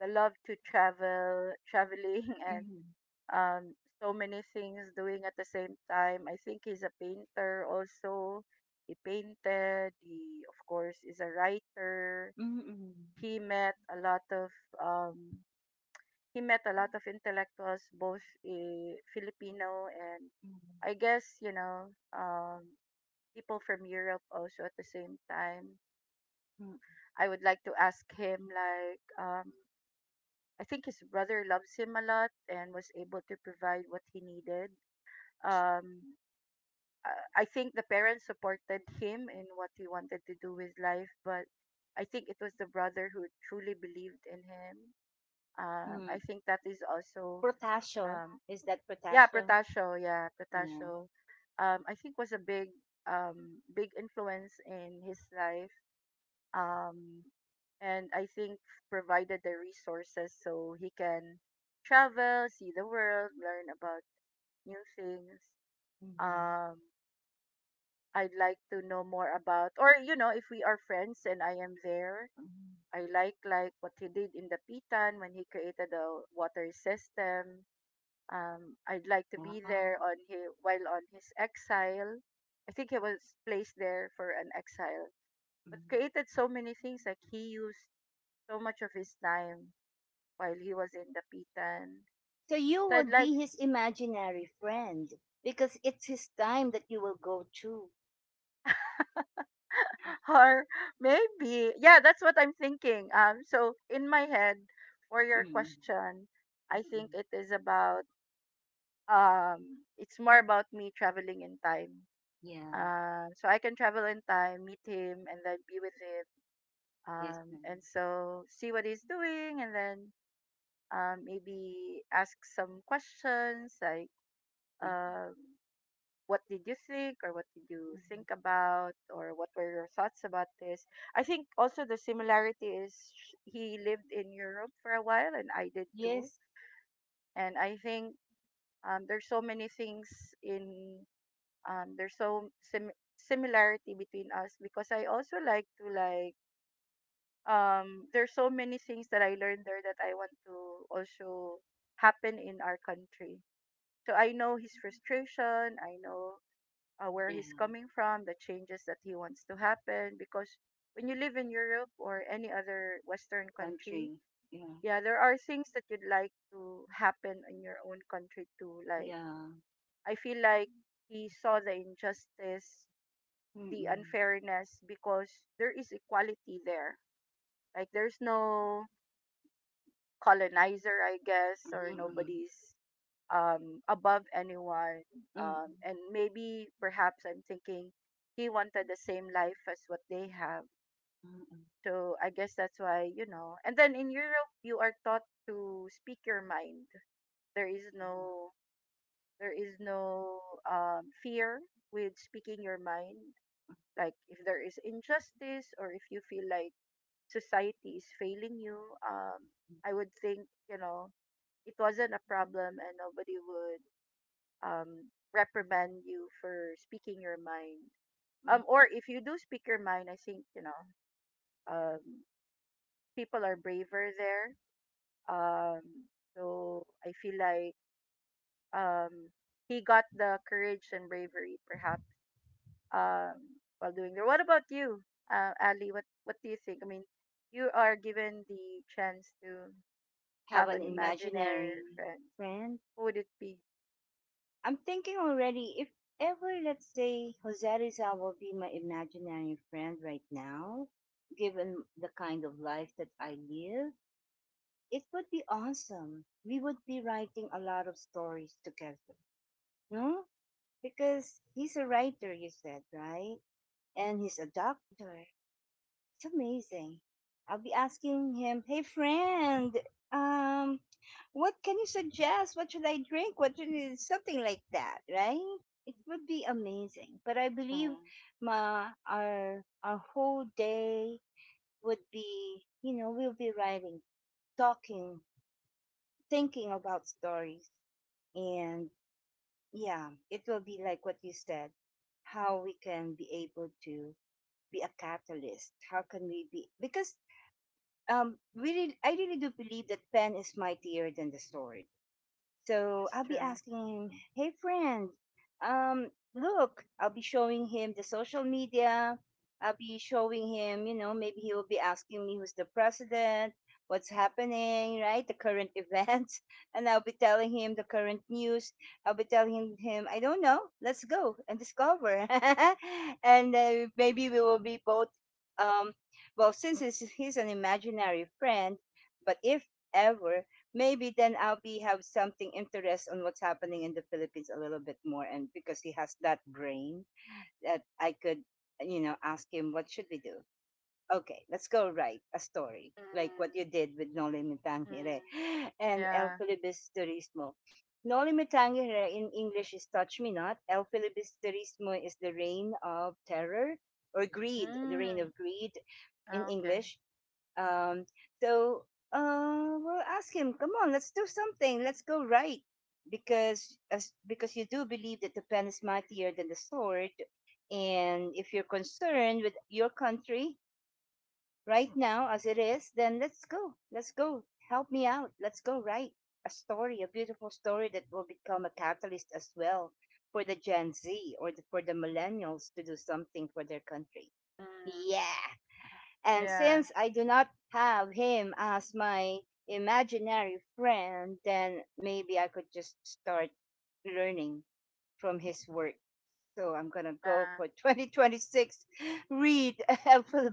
Speaker 2: the love to travel, traveling, and
Speaker 1: Mm-mm.
Speaker 2: um, so many things doing at the same time. I think he's a painter also. He painted. He, of course, is a writer.
Speaker 1: Mm-mm.
Speaker 2: He met a lot of, um, intellectuals, both Filipino and, I guess, you know, people from Europe also at the same time.
Speaker 1: Mm-mm.
Speaker 2: I would like to ask him like, I think his brother loves him a lot and was able to provide what he needed, um I think the parents supported him in what he wanted to do with life, but I think it was the brother who truly believed in him. I
Speaker 1: Mm-mm.
Speaker 2: think that is also,
Speaker 1: Protasio.
Speaker 2: um,
Speaker 1: Is that
Speaker 2: yeah,
Speaker 1: Protasio? Yeah.
Speaker 2: Protasio. I think was a big, big influence in his life. Um, and I think provided the resources so he can travel, see the world, learn about new things.
Speaker 1: Mm-hmm.
Speaker 2: Um, I'd like to know more about, or you know, if we are friends and I am there,
Speaker 1: Mm-hmm.
Speaker 2: I like what he did in the Pitan, when he created the water system. I'd like to be
Speaker 1: Wow.
Speaker 2: there on his while on his exile. I think he was placed there for an exile, but
Speaker 1: Mm-hmm.
Speaker 2: created so many things. Like, he used so much of his time while he was in the Pitan.
Speaker 1: So you
Speaker 2: So I'd
Speaker 1: would
Speaker 2: like,
Speaker 1: be his imaginary friend because it's his time that you will go to.
Speaker 2: or maybe, yeah, that's what I'm thinking. So in my head, for your
Speaker 1: Mm,
Speaker 2: question, I think
Speaker 1: mm,
Speaker 2: it is about, it's more about me traveling in time.
Speaker 1: yeah.
Speaker 2: So I can travel in time, meet him, and then be with him.
Speaker 1: Yes,
Speaker 2: And
Speaker 1: ma'am.
Speaker 2: so see what he's doing, and then, maybe ask some questions like,
Speaker 1: Mhm,
Speaker 2: um what did you think, or what did you think
Speaker 1: mhm.
Speaker 2: about, or what were your thoughts about this? I think also the similarity is, he lived in Europe for a while, and I did too.
Speaker 1: Yes.
Speaker 2: And I think, there's so many things in there's so similarity between us, because I also like to, like, there's so many things that I learned there that I want to also happen in our country. So I know his frustration. I know, where he's
Speaker 1: Yeah.
Speaker 2: coming from, the changes that he wants to happen. Because when you live in Europe or any other Western country,
Speaker 1: Country. Yeah.
Speaker 2: yeah, there are things that you'd like to happen in your own country too. Like,
Speaker 1: Yeah.
Speaker 2: I feel like he saw the injustice, the
Speaker 1: Mm-mm.
Speaker 2: unfairness, because there is equality there. Like, there's no colonizer, I guess, or
Speaker 1: Mm-mm.
Speaker 2: nobody's, above anyone.
Speaker 1: Mm-mm.
Speaker 2: And maybe, perhaps, I'm thinking he wanted the same life as what they have.
Speaker 1: Mm-mm.
Speaker 2: So I guess that's why, you know. And then in Europe, you are taught to speak your mind. There is no, there is no fear with speaking your mind. Like, if there is injustice, or if you feel like society is failing you, um, I would think, you know, it wasn't a problem, and nobody would, um, reprimand you for speaking your mind.
Speaker 1: Mm-mm.
Speaker 2: Or if you do speak your mind, I think, you know, um, people are braver there. Um, so I feel like, um, he got the courage and bravery, perhaps, while doing there. What about you, Ali? What do you think? I mean, you are given the chance to
Speaker 1: Have
Speaker 2: have
Speaker 1: an
Speaker 2: an
Speaker 1: imaginary
Speaker 2: imaginary friend.
Speaker 1: friend.
Speaker 2: Who would it be?
Speaker 1: I'm thinking already if ever, let's say, Jose Rizal will be my imaginary friend right now, given the kind of life that I live, it would be awesome. We would be writing a lot of stories together, no? Because he's a writer, you said, right? And he's a doctor. It's amazing. I'll be asking him, "Hey friend, um, what can you suggest? What should I drink? Something like that, right?" It would be amazing. But I believe
Speaker 2: Mm-hmm.
Speaker 1: ma, our whole day would be, you know, we'll be writing, talking, thinking about stories, and yeah, it will be like what you said, how we can be able to be a catalyst. How can we be? Because I really do believe that pen is mightier than the sword. So
Speaker 2: That's
Speaker 1: I'll be
Speaker 2: true.
Speaker 1: asking him, hey friend, look, I'll be showing him the social media. I'll be showing him, maybe he will be asking me who's the president, what's happening, right? The current events. And I'll be telling him the current news. I'll be telling him, I don't know, let's go and discover. And maybe we will be both, um, well, since he's an imaginary friend, but if ever maybe then I'll be have something interest on what's happening in the Philippines a little bit more. And because he has that brain that I could, ask him, what should we do? Okay, let's go write a story like what
Speaker 2: Mm,
Speaker 1: you did with No Limitang
Speaker 2: mm,
Speaker 1: Hire and El
Speaker 2: yeah.
Speaker 1: Filibis Turismo. No Limitang Hire in English is Touch Me Not. El Filibis Turismo is the reign of terror or greed, the reign
Speaker 2: Mm.
Speaker 1: of greed in
Speaker 2: Oh, okay.
Speaker 1: English. Um, so we'll ask him, come on, let's do something. Let's go right. Because because you do believe that the pen is mightier than the sword, and if you're concerned with your country right now as it is, then let's go. Let's go. Help me out. Let's go write a story, a beautiful story that will become a catalyst as well for the Gen Z for the millennials to do something for their country.
Speaker 2: Mm.
Speaker 1: Yeah. And
Speaker 2: Yeah.
Speaker 1: since I do not have him as my imaginary friend, then maybe I could just start learning from his work. So I'm gonna go
Speaker 2: Yeah.
Speaker 1: for 2026. Read El Helpful.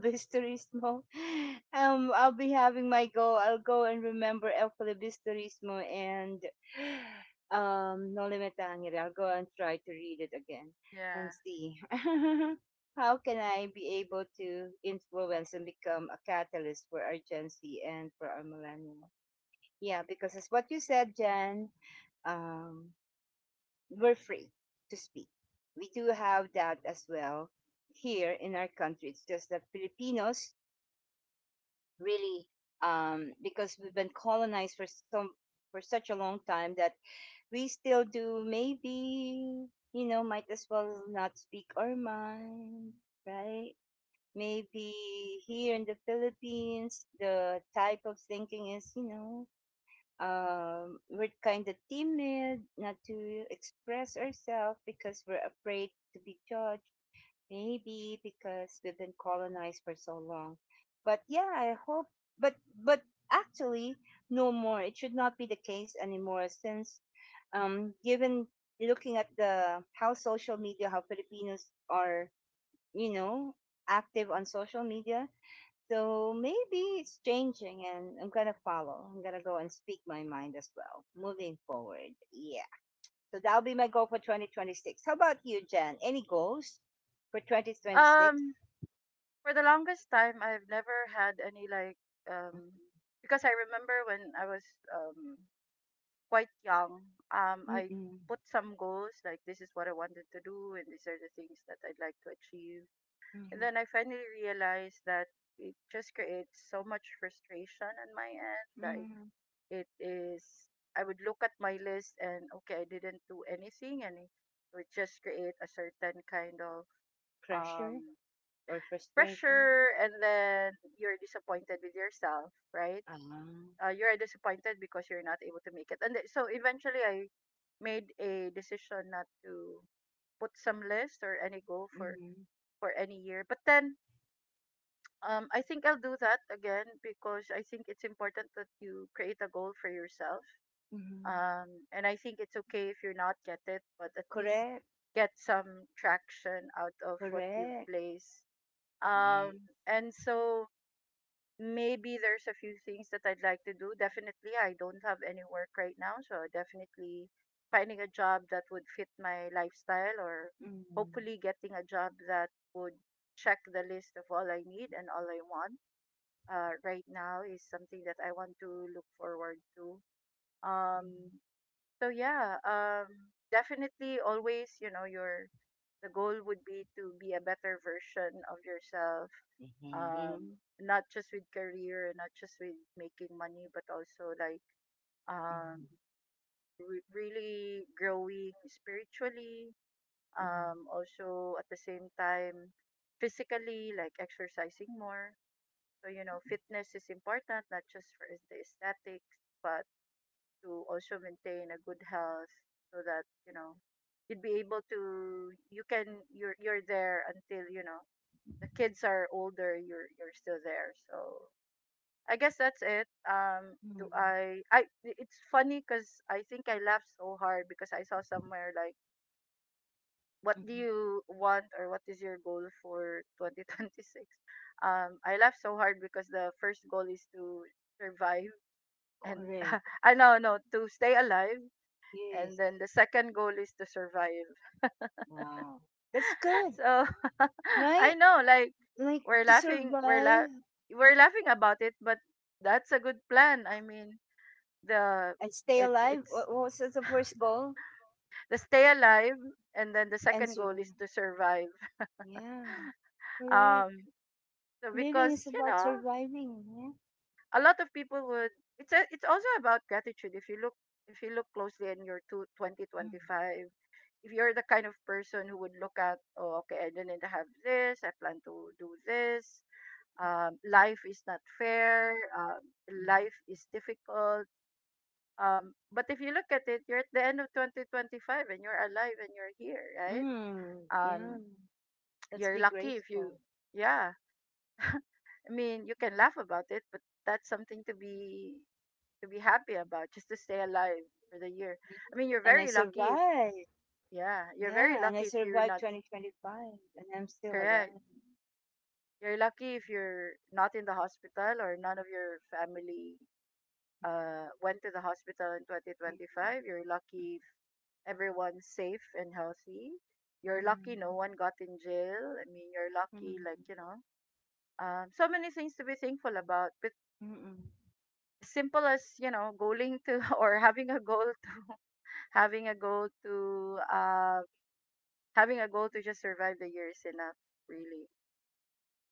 Speaker 1: I'll be having my go. I'll go and remember El Bisturismo and No Limit Angel. I'll go and try to read it again and
Speaker 2: Yeah.
Speaker 1: see how can I be able to influence and become a catalyst for our Gen Z and for our millennials. Yeah, because it's what you said, Jen. Um, were free to speak. We do have that as well here in our country. It's just that Filipinos really, because we've been colonized for such a long time that we still do maybe you know might as well not speak our mind, right? Maybe here in the Philippines, the type of thinking is we're kind of timid not to express ourselves because we're afraid to be judged, maybe because we've been colonized for so long. But yeah, I hope, but, but actually, no more. It should not be the case anymore since, given looking at the how social media, how Filipinos are, you know, active on social media, so maybe it's changing and I'm gonna follow. I'm gonna go and speak my mind as well. Moving forward. Yeah. So that'll be my goal for 2026. How about you, Jen? Any goals for 2026?
Speaker 2: Um, for the longest time, I've never had any, like, um, because I remember when I was, um quite young, I
Speaker 1: Mm-mm.
Speaker 2: put some goals, like, this is what I wanted to do, and these are the things that I'd like to achieve. And
Speaker 1: Mm-mm.
Speaker 2: then I finally realized that it just creates so much frustration on my end. Like,
Speaker 1: Mm-mm.
Speaker 2: it is, I would look at my list and, okay, I didn't do anything, and it would just create a certain kind of,
Speaker 1: Pressure
Speaker 2: um,
Speaker 1: or frustration?
Speaker 2: pressure, and then you're disappointed with yourself, right?
Speaker 1: Ah. Mm-hmm.
Speaker 2: You're disappointed because you're not able to make it, and so eventually I made a decision not to put some list or any goal for any year, but then. I think I'll do that again because I think it's important that you create a goal for yourself.
Speaker 1: Mm-hmm.
Speaker 2: And I think it's okay if you're not get it, but at least
Speaker 1: Correct.
Speaker 2: get some traction out of what you've
Speaker 1: Correct.
Speaker 2: placed.
Speaker 1: Yes.
Speaker 2: And so maybe there's a few things that I'd like to do. Definitely, I don't have any work right now, so definitely finding a job that would fit my lifestyle or
Speaker 1: Mm-hmm.
Speaker 2: hopefully getting a job that would check the list of all I need and all I want right now is something that I want to look forward to. Um,
Speaker 1: Mm-hmm.
Speaker 2: so yeah, definitely always, you know, your the goal would be to be a better version of yourself.
Speaker 1: Mm-hmm.
Speaker 2: Um, Not just with career, not just with making money, but also like um, really growing spiritually. Also at the same time, physically, like exercising more. So, fitness is important, not just for the aesthetics, but to also maintain a good health so that you'd be able to you're there until the kids are older, you're still there. So I guess that's it.
Speaker 1: Mm-hmm.
Speaker 2: Do I It's funny because I think I laughed so hard because I saw somewhere like, what do
Speaker 1: Mm-hmm.
Speaker 2: you want or what is your goal for 2026? I laughed so hard because the first goal is to survive, and
Speaker 1: Correct.
Speaker 2: I know, no, to stay alive, and
Speaker 1: Yes.
Speaker 2: then the second goal is to survive.
Speaker 1: Wow. That's good,
Speaker 2: So, I
Speaker 1: right?
Speaker 2: know, like,
Speaker 1: Like
Speaker 2: we're
Speaker 1: to
Speaker 2: laughing we're
Speaker 1: survive
Speaker 2: la- we're laughing about it, but that's a good plan. I mean, the
Speaker 1: and stay
Speaker 2: it's
Speaker 1: alive. What
Speaker 2: it's
Speaker 1: what was the first goal?
Speaker 2: the stay alive and then the
Speaker 1: And
Speaker 2: second goal is
Speaker 1: survive.
Speaker 2: to survive.
Speaker 1: Yeah, correct.
Speaker 2: Um so
Speaker 1: Living is
Speaker 2: because
Speaker 1: about surviving. Yeah.
Speaker 2: a lot of people would it's also about gratitude if you look, closely in your two twenty
Speaker 1: Mm,
Speaker 2: twenty five, If you're the kind of person who would look at, oh, okay, I didn't have this, I plan to do this, life is not fair, uh,
Speaker 1: mm.
Speaker 2: life is difficult. But if you look at it, you're at the end of 2025 and you're alive and you're here, right?
Speaker 1: Mm,
Speaker 2: Um,
Speaker 1: yeah. Let's
Speaker 2: you're
Speaker 1: be
Speaker 2: lucky if you,
Speaker 1: grateful.
Speaker 2: yeah. I mean, you can laugh about it, but that's something to be, happy about, just to stay alive for the year. I mean, you're
Speaker 1: And I
Speaker 2: very lucky if,
Speaker 1: survived.
Speaker 2: yeah, you're very
Speaker 1: Yeah. And I
Speaker 2: lucky if you're
Speaker 1: survived
Speaker 2: not.
Speaker 1: 2025. And I'm still
Speaker 2: Correct.
Speaker 1: alive.
Speaker 2: You're lucky if you're not in the hospital or none of your family went to the hospital in
Speaker 1: Mm,
Speaker 2: 2025. You're lucky if everyone's safe and healthy. You're
Speaker 1: mm,
Speaker 2: lucky no one got in jail. I mean, you're lucky, like,
Speaker 1: mm,
Speaker 2: so many things to be thankful about. But
Speaker 1: mm, mm.
Speaker 2: simple as, going to or having a goal to having a goal to uh, having a goal to just survive the year is enough, really.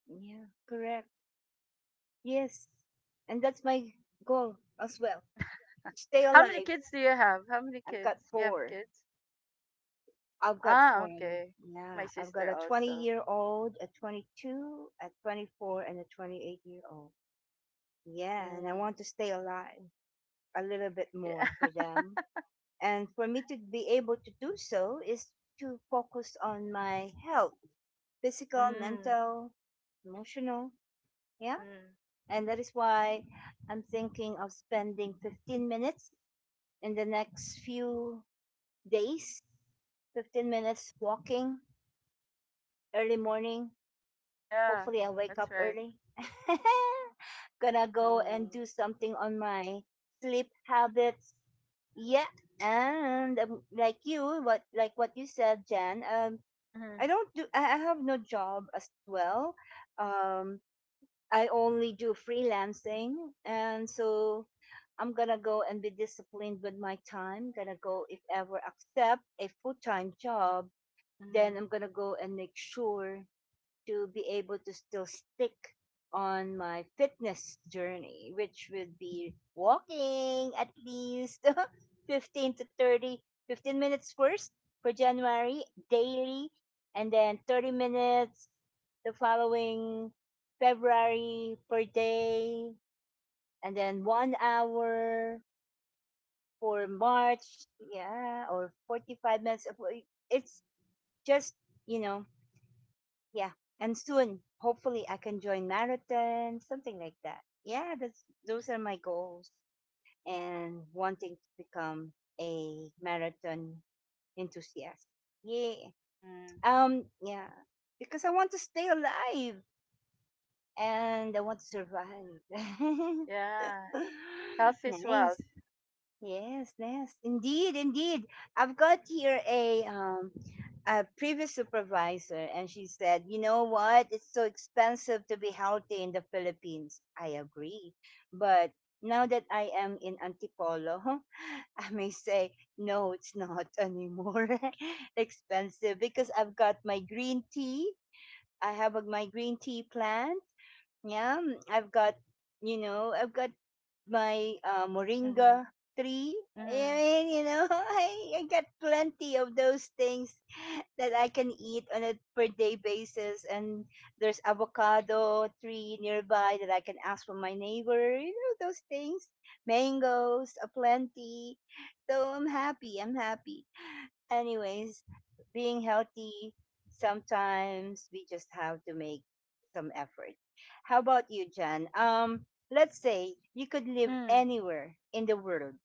Speaker 1: Yeah, correct. Yes. And that's my goal as well, stay
Speaker 2: How many
Speaker 1: alive.
Speaker 2: kids do you have? How many
Speaker 1: I've got
Speaker 2: kids? You have
Speaker 1: four.
Speaker 2: kids?
Speaker 1: I've got
Speaker 2: Ah,
Speaker 1: four.
Speaker 2: okay. My
Speaker 1: Yeah, I've got
Speaker 2: sister
Speaker 1: a 20
Speaker 2: also.
Speaker 1: year old, a 22, a 24, and a 28-year-old. Yeah, and I
Speaker 2: Mm,
Speaker 1: want to stay alive a little bit
Speaker 2: yeah.
Speaker 1: more for them. And for me to be able to do so is to focus on my health, physical,
Speaker 2: Mm,
Speaker 1: mental, emotional. Yeah,
Speaker 2: mm.
Speaker 1: and that is why I'm thinking of spending 15 minutes in the next few days, 15 minutes walking early morning.
Speaker 2: Yeah,
Speaker 1: Hopefully, I wake
Speaker 2: that's
Speaker 1: up
Speaker 2: right.
Speaker 1: early. Gonna go and
Speaker 2: Mm.
Speaker 1: do something on my sleep habits. Yeah, and like you, what like what you said, Jan. I
Speaker 2: Mhm.
Speaker 1: don't do. I have no job as well. Um, I only do freelancing, and so I'm gonna go and be disciplined with my time. Gonna go if ever accept a full time job, then
Speaker 2: Mhm.
Speaker 1: I'm gonna go and make sure to be able to still stick on my fitness journey, which would be walking at least 15 to 30 15 minutes first for January daily, and then 30 minutes the following February per day, and then one hour for March, yeah, or 45 minutes. It's just, you know, yeah. And soon, hopefully, I can join marathon, something like that. Yeah, that's those are my goals, and wanting to become a marathon enthusiast. Yeah.
Speaker 2: Mm.
Speaker 1: Yeah. Because I want to stay alive and I want to survive.
Speaker 2: Yeah, health is wealth.
Speaker 1: Nice. Yes, yes, indeed, indeed. I've got here a previous supervisor, and she said, "You know what? It's so expensive to be healthy in the Philippines." I agree, but now that I am in Antipolo, I may say, "No, it's not anymore expensive because I've got my green tea. I have a, my green tea plan, yeah, mm, I've got, you know, I've got my
Speaker 2: Mhm.
Speaker 1: moringa tree. I
Speaker 2: Mhm.
Speaker 1: mean, you know, I got plenty of those things that I can eat on a per day basis. And there's avocado tree nearby that I can ask from my neighbor. You know, those things. Mangoes, a plenty. So I'm happy. I'm happy anyways, being healthy, sometimes we just have to make some effort. How about you, Jan? Let's say you could live
Speaker 2: Mm.
Speaker 1: anywhere in the world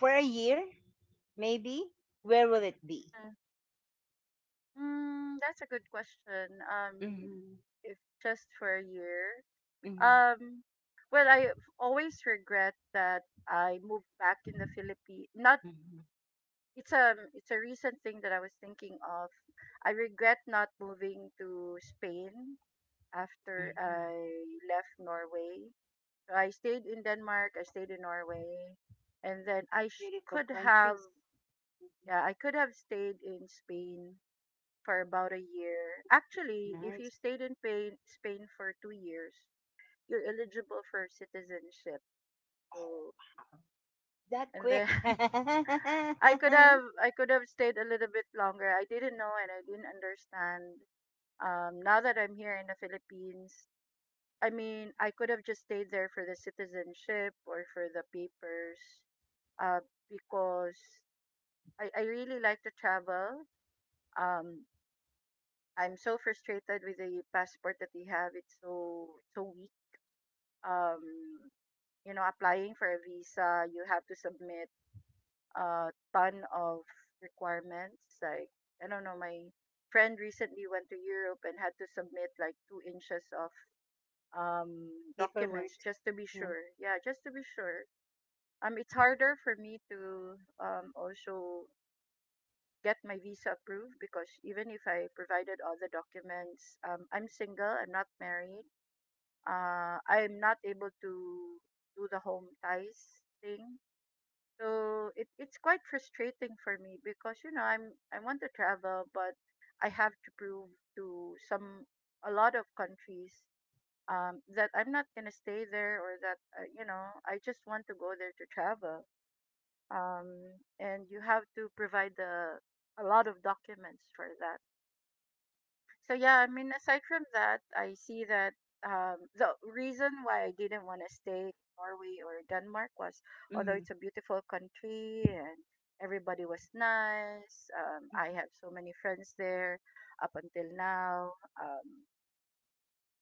Speaker 1: for a year, maybe. Where will it be?
Speaker 2: Mhm. Mm, that's a good question.
Speaker 1: Mm-hmm,
Speaker 2: If just for a year,
Speaker 1: mm-hmm,
Speaker 2: um, well, I always regret that I moved back in the Philippines. Not.
Speaker 1: mm-hmm,
Speaker 2: It's a recent thing that I was thinking of. I regret not moving to Spain after
Speaker 1: mm-hmm.
Speaker 2: I left Norway. I stayed in Denmark, I stayed in Norway, and then I sh-
Speaker 1: Beautiful
Speaker 2: could have
Speaker 1: countries.
Speaker 2: yeah, I could have stayed in Spain for about a year. Actually, if
Speaker 1: Nice.
Speaker 2: you stayed in Spain, for 2 years, you're eligible for citizenship. So,
Speaker 1: That
Speaker 2: and then
Speaker 1: quick.
Speaker 2: I could have stayed a little bit longer. I didn't know and I didn't understand. Now that I'm here in the Philippines, I mean, I could have just stayed there for the citizenship or for the papers, uh, because I really like to travel. Um, I'm so frustrated with the passport that we have. It's so, weak. Um, Applying for a visa, you have to submit a ton of requirements. Like, I don't know, my friend recently went to Europe and had to submit like 2 inches of um documents,
Speaker 1: Paperwork.
Speaker 2: just to be
Speaker 1: Yeah.
Speaker 2: sure. Yeah, just to be sure. It's harder for me to also get my visa approved because even if I provided all the documents, I'm single, I'm not married. I'm not able to do the home ties thing. So, it's quite frustrating for me because I want to travel, but I have to prove to some a lot of countries, that I'm not gonna stay there, or that, I just want to go there to travel. Um, and you have to provide the a lot of documents for that. So, yeah, I mean, aside from that, I see that the reason why I didn't want to stay in Norway or Denmark was, although
Speaker 1: Mm-hmm,
Speaker 2: it's a beautiful country and everybody was nice, I
Speaker 1: mm-hmm,
Speaker 2: have so many friends there up until now. Um,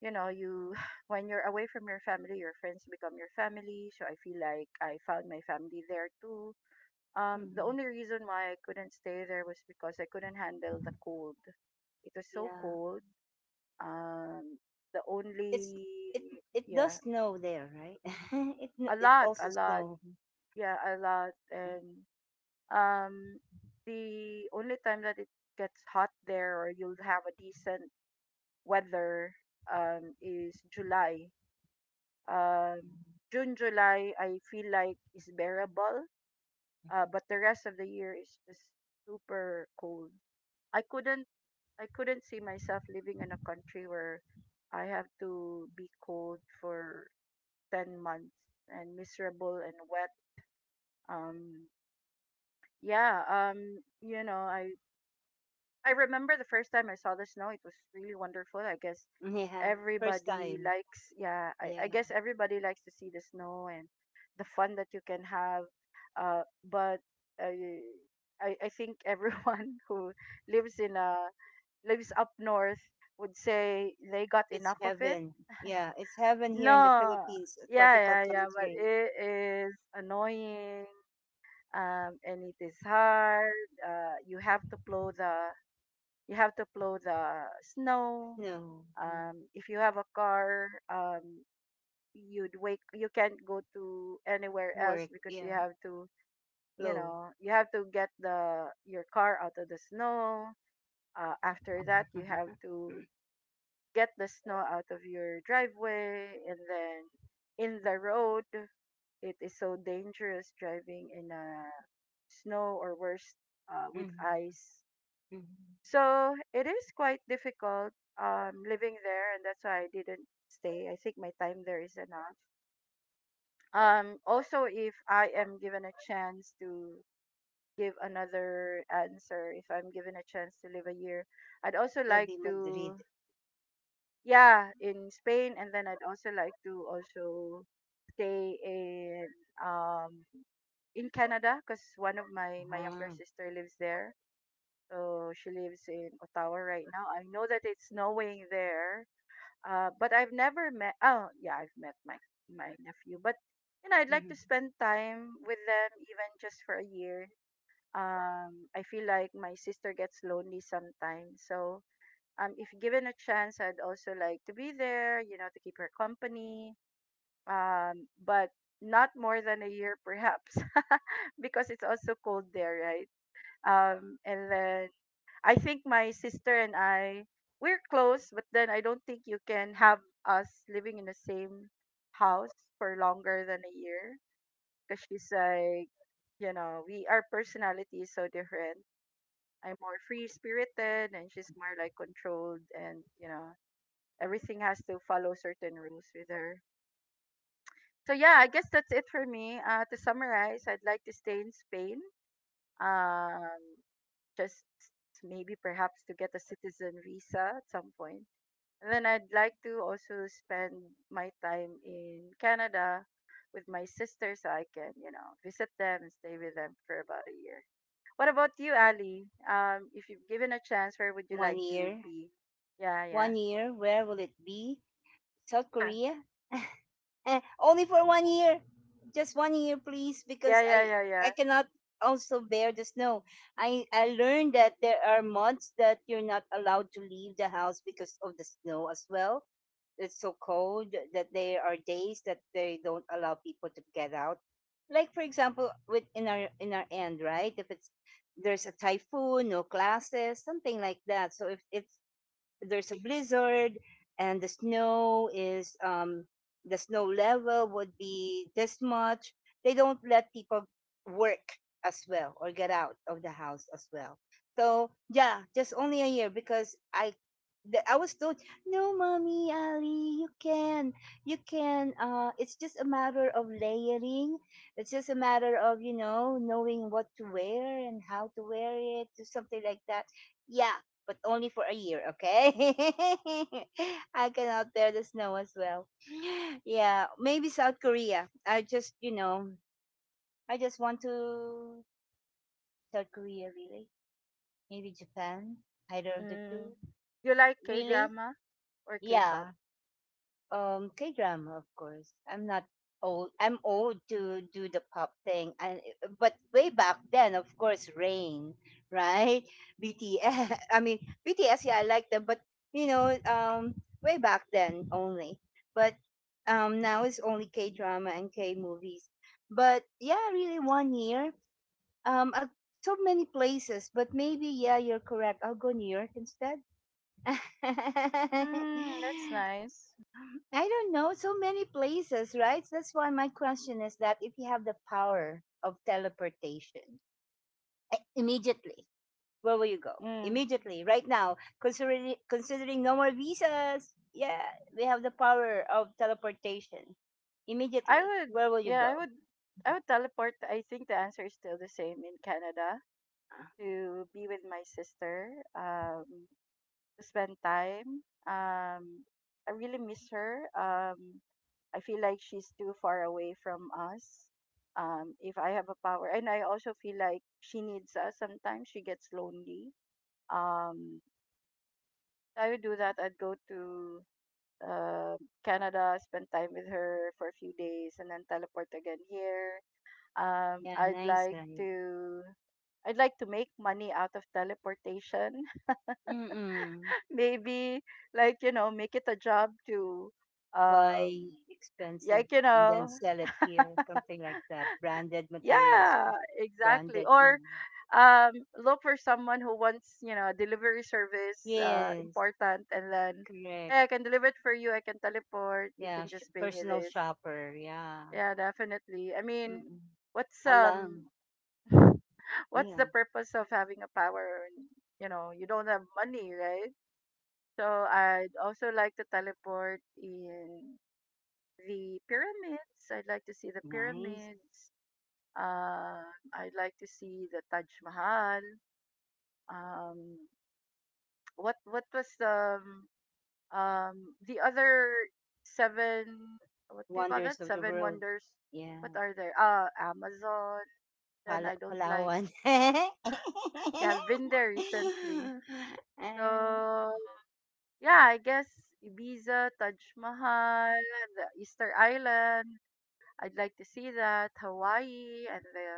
Speaker 2: you know, you When you're away from your family, your friends become your family. So I feel like I found my family there too. The
Speaker 1: mm-hmm.
Speaker 2: only reason why I couldn't stay there was because I couldn't handle the cold. It was so
Speaker 1: Yeah.
Speaker 2: cold. Um, the
Speaker 1: it's
Speaker 2: only
Speaker 1: it it does
Speaker 2: Yeah,
Speaker 1: snow there, right? It also
Speaker 2: a lot,
Speaker 1: snow.
Speaker 2: yeah, a lot, and um, the only time that it gets hot there or you'll have a decent weather is July. Um, June, July, I feel like is bearable. But the rest of the year is just super cold. I couldn't, I couldn't see myself living in a country where I have to be cold for 10 months and miserable and wet. Um, yeah. I remember the first time I saw the snow, it was really wonderful. I guess
Speaker 1: Mm, yeah, first
Speaker 2: everybody
Speaker 1: time.
Speaker 2: likes, yeah,
Speaker 1: Yeah,
Speaker 2: I guess everybody likes to see the snow and the fun that you can have. Uh, but uh, I think everyone who lives in a, lives up north would say they got
Speaker 1: it's
Speaker 2: enough of it.
Speaker 1: heaven. Yeah, it's heaven here in the
Speaker 2: No,
Speaker 1: Philippines, a
Speaker 2: yeah,
Speaker 1: tropical
Speaker 2: yeah, yeah, but
Speaker 1: country.
Speaker 2: it is annoying. And it is hard. You have to plow the, you have to plow the snow.
Speaker 1: Snow. Yeah,
Speaker 2: If you have a car, you'd wake, you can't go to anywhere else
Speaker 1: work.
Speaker 2: because
Speaker 1: Yeah, flow.
Speaker 2: you have to get the your car out of the snow. After that, you have to get the snow out of your driveway and then in the road. It is so dangerous driving in a snow, or worse, with
Speaker 1: Mm-hmm.
Speaker 2: ice.
Speaker 1: Mm-hmm.
Speaker 2: So it is quite difficult, living there, and that's why I didn't stay. I think my time there is enough. Also, if I am given a chance to give another answer, if I'm given a chance to live a year, I'd also
Speaker 1: It'll
Speaker 2: like
Speaker 1: be
Speaker 2: to,
Speaker 1: Madrid.
Speaker 2: yeah, in Spain, and then I'd also like to also stay um in Canada because one of my younger
Speaker 1: Ah,
Speaker 2: sister lives there. So she lives in Ottawa right now. I know that it's snowing there, but I've never met. Oh, yeah, I've met my nephew, but I'd like
Speaker 1: mhm.
Speaker 2: to spend time with them, even just for a year. I feel like my sister gets lonely sometimes, so if given a chance, I'd also like to be there, to keep her company. But not more than a year, perhaps, because it's also cold there, right? And then I think my sister and I, we're close, but then I don't think you can have us living in the same house for longer than a year because she's like, you know, we our personality is so different. I'm more free spirited, and she's more like controlled, and everything has to follow certain rules with her. So, yeah, I guess that's it for me. To summarize, I'd like to stay in Spain. Um, just maybe perhaps to get a citizen visa at some point. And then I'd like to also spend my time in Canada with my sister, so I can, visit them and stay with them for about a year. What about you, Ali? If you've given a chance, where would you
Speaker 1: One
Speaker 2: like to
Speaker 1: year.
Speaker 2: be? Yeah, yeah.
Speaker 1: One year. Where will it be? South
Speaker 2: Yeah.
Speaker 1: Korea. Only for
Speaker 2: Oh.
Speaker 1: one year. Just one year, please, because
Speaker 2: Yeah, yeah, yeah,
Speaker 1: I
Speaker 2: yeah.
Speaker 1: cannot also bear the snow. I learned that there are months that you're not allowed to leave the house because of the snow as well. It's so cold that there are days that they don't allow people to get out. Like for example, with in our end, right? If it's there's a typhoon, no classes, something like that. So if it's there's a blizzard and the snow is the snow level would be this much, they don't let people work as well or get out of the house as well. So yeah, just only a year, because I was told, "No, mommy Ali, you can, you can, it's just a matter of layering. It's just a matter of, knowing what to wear and how to wear it," or something like that. Yeah, but only for a year, okay? I cannot bear the snow as well. Yeah, maybe South Korea. I just, I just want to South Korea, really. Maybe Japan, either of the two.
Speaker 2: Mm. You like K
Speaker 1: Really?
Speaker 2: drama or K pop?
Speaker 1: Yeah, K drama, of course. I'm not old. I'm old to do the pop thing, and but way back then, of course, Rain, right? BTS. I mean BTS. Yeah, I like them, but you know, um, way back then only. But now it's only K drama and K movies. But yeah, really, 1 year. Um, uh, so many places, but maybe yeah, you're correct. I'll go New York instead.
Speaker 2: Mm, that's nice.
Speaker 1: I don't know. So many places, right? That's why my question is that if you have the power of teleportation, immediately, where will you go?
Speaker 2: Mm.
Speaker 1: Immediately, right now, considering no more visas, yeah, we have the power of teleportation.
Speaker 2: I
Speaker 1: Immediately,
Speaker 2: would
Speaker 1: where will you
Speaker 2: Yeah, I
Speaker 1: go?
Speaker 2: would I would teleport. I think the answer is still the same. In Canada,
Speaker 1: Ah.
Speaker 2: to be with my sister, um, to spend time. I really miss her. I feel like she's too far away from us. If I have a power, and I also feel like she needs us sometimes, she gets lonely. Um, I would do that. I'd go to uh, Canada, spend time with her for a few days, and then teleport again here.
Speaker 1: Yeah,
Speaker 2: I'd
Speaker 1: nice,
Speaker 2: like
Speaker 1: right?
Speaker 2: to. I'd like to make money out of teleportation.
Speaker 1: Mm-mm.
Speaker 2: Maybe, like, make it a job to, um,
Speaker 1: Buy expensive
Speaker 2: like,
Speaker 1: and then sell it here, something like that. Branded materials,
Speaker 2: yeah, exactly.
Speaker 1: branded.
Speaker 2: Or
Speaker 1: Mm.
Speaker 2: um, look for someone who wants, you know, a delivery service,
Speaker 1: Yes.
Speaker 2: important, and then, hey,
Speaker 1: Correct.
Speaker 2: I can deliver it for you. I can teleport. You can
Speaker 1: Yeah,
Speaker 2: just pay me
Speaker 1: personal
Speaker 2: this.
Speaker 1: shopper. Yeah.
Speaker 2: Yeah, definitely. I mean,
Speaker 1: Mm-mm.
Speaker 2: what's
Speaker 1: Alam.
Speaker 2: um what's the
Speaker 1: Yeah.
Speaker 2: purpose of having a power when you know you don't have money, right? So I'd also like to teleport in the pyramids. I'd like to see the
Speaker 1: Nice.
Speaker 2: pyramids. Uh, I'd like to see the Taj Mahal. Um, what was the other seven? What do you call that?
Speaker 1: Wonders of the
Speaker 2: Seven
Speaker 1: world.
Speaker 2: wonders. What
Speaker 1: Yeah.
Speaker 2: are there? Amazon. Then I don't like,
Speaker 1: Palawan.
Speaker 2: yeah, I've been there recently.
Speaker 1: Ah,
Speaker 2: So yeah, I guess Ibiza, Taj Mahal, the Easter Island. I'd like to see that Hawaii. And the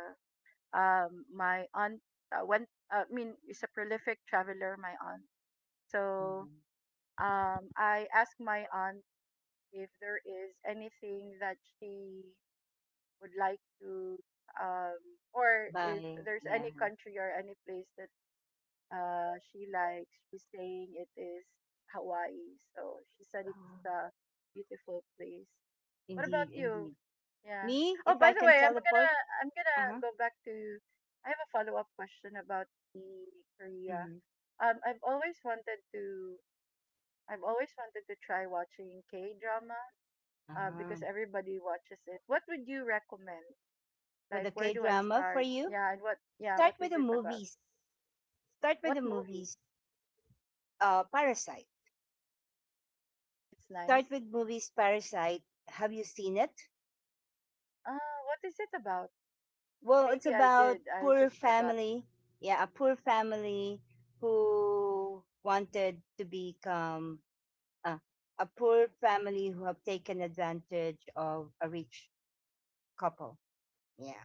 Speaker 2: my aunt went. I mean, is a prolific traveler. My aunt. So
Speaker 1: mhm.
Speaker 2: I asked my aunt if there is anything that she would like to, um or if
Speaker 1: Bye.
Speaker 2: there's
Speaker 1: Yeah.
Speaker 2: any country or any place that, uh, she likes, she's saying it is Hawaii. So she said
Speaker 1: Ah.
Speaker 2: it's a beautiful place. What
Speaker 1: Indeed,
Speaker 2: about you?
Speaker 1: indeed.
Speaker 2: Yeah.
Speaker 1: Me,
Speaker 2: Oh,
Speaker 1: if I
Speaker 2: by the
Speaker 1: can
Speaker 2: way, I'm gonna
Speaker 1: teleport,
Speaker 2: I'm gonna
Speaker 1: uh-huh.
Speaker 2: go back to. I have a follow up question about the Korea.
Speaker 1: Hmm.
Speaker 2: I've always wanted to. I've always wanted to try watching K drama. Because
Speaker 1: Uh-huh.
Speaker 2: everybody watches it. What would you recommend?
Speaker 1: For
Speaker 2: Like,
Speaker 1: the
Speaker 2: where do I
Speaker 1: K-drama for
Speaker 2: start?
Speaker 1: you,
Speaker 2: Yeah, and what? Yeah, what
Speaker 1: start with
Speaker 2: is
Speaker 1: the
Speaker 2: it about?
Speaker 1: movies. Start with
Speaker 2: What
Speaker 1: the
Speaker 2: movie?
Speaker 1: movies. Parasite.
Speaker 2: Ah, it's
Speaker 1: Start
Speaker 2: nice.
Speaker 1: with movies, Parasite. Have you seen it?
Speaker 2: What is it about?
Speaker 1: Well, it's
Speaker 2: Maybe I
Speaker 1: about
Speaker 2: did. I
Speaker 1: poor
Speaker 2: just forgot.
Speaker 1: family. Yeah, a poor family who wanted to become uh, a poor family who have taken advantage of a rich couple. Yeah,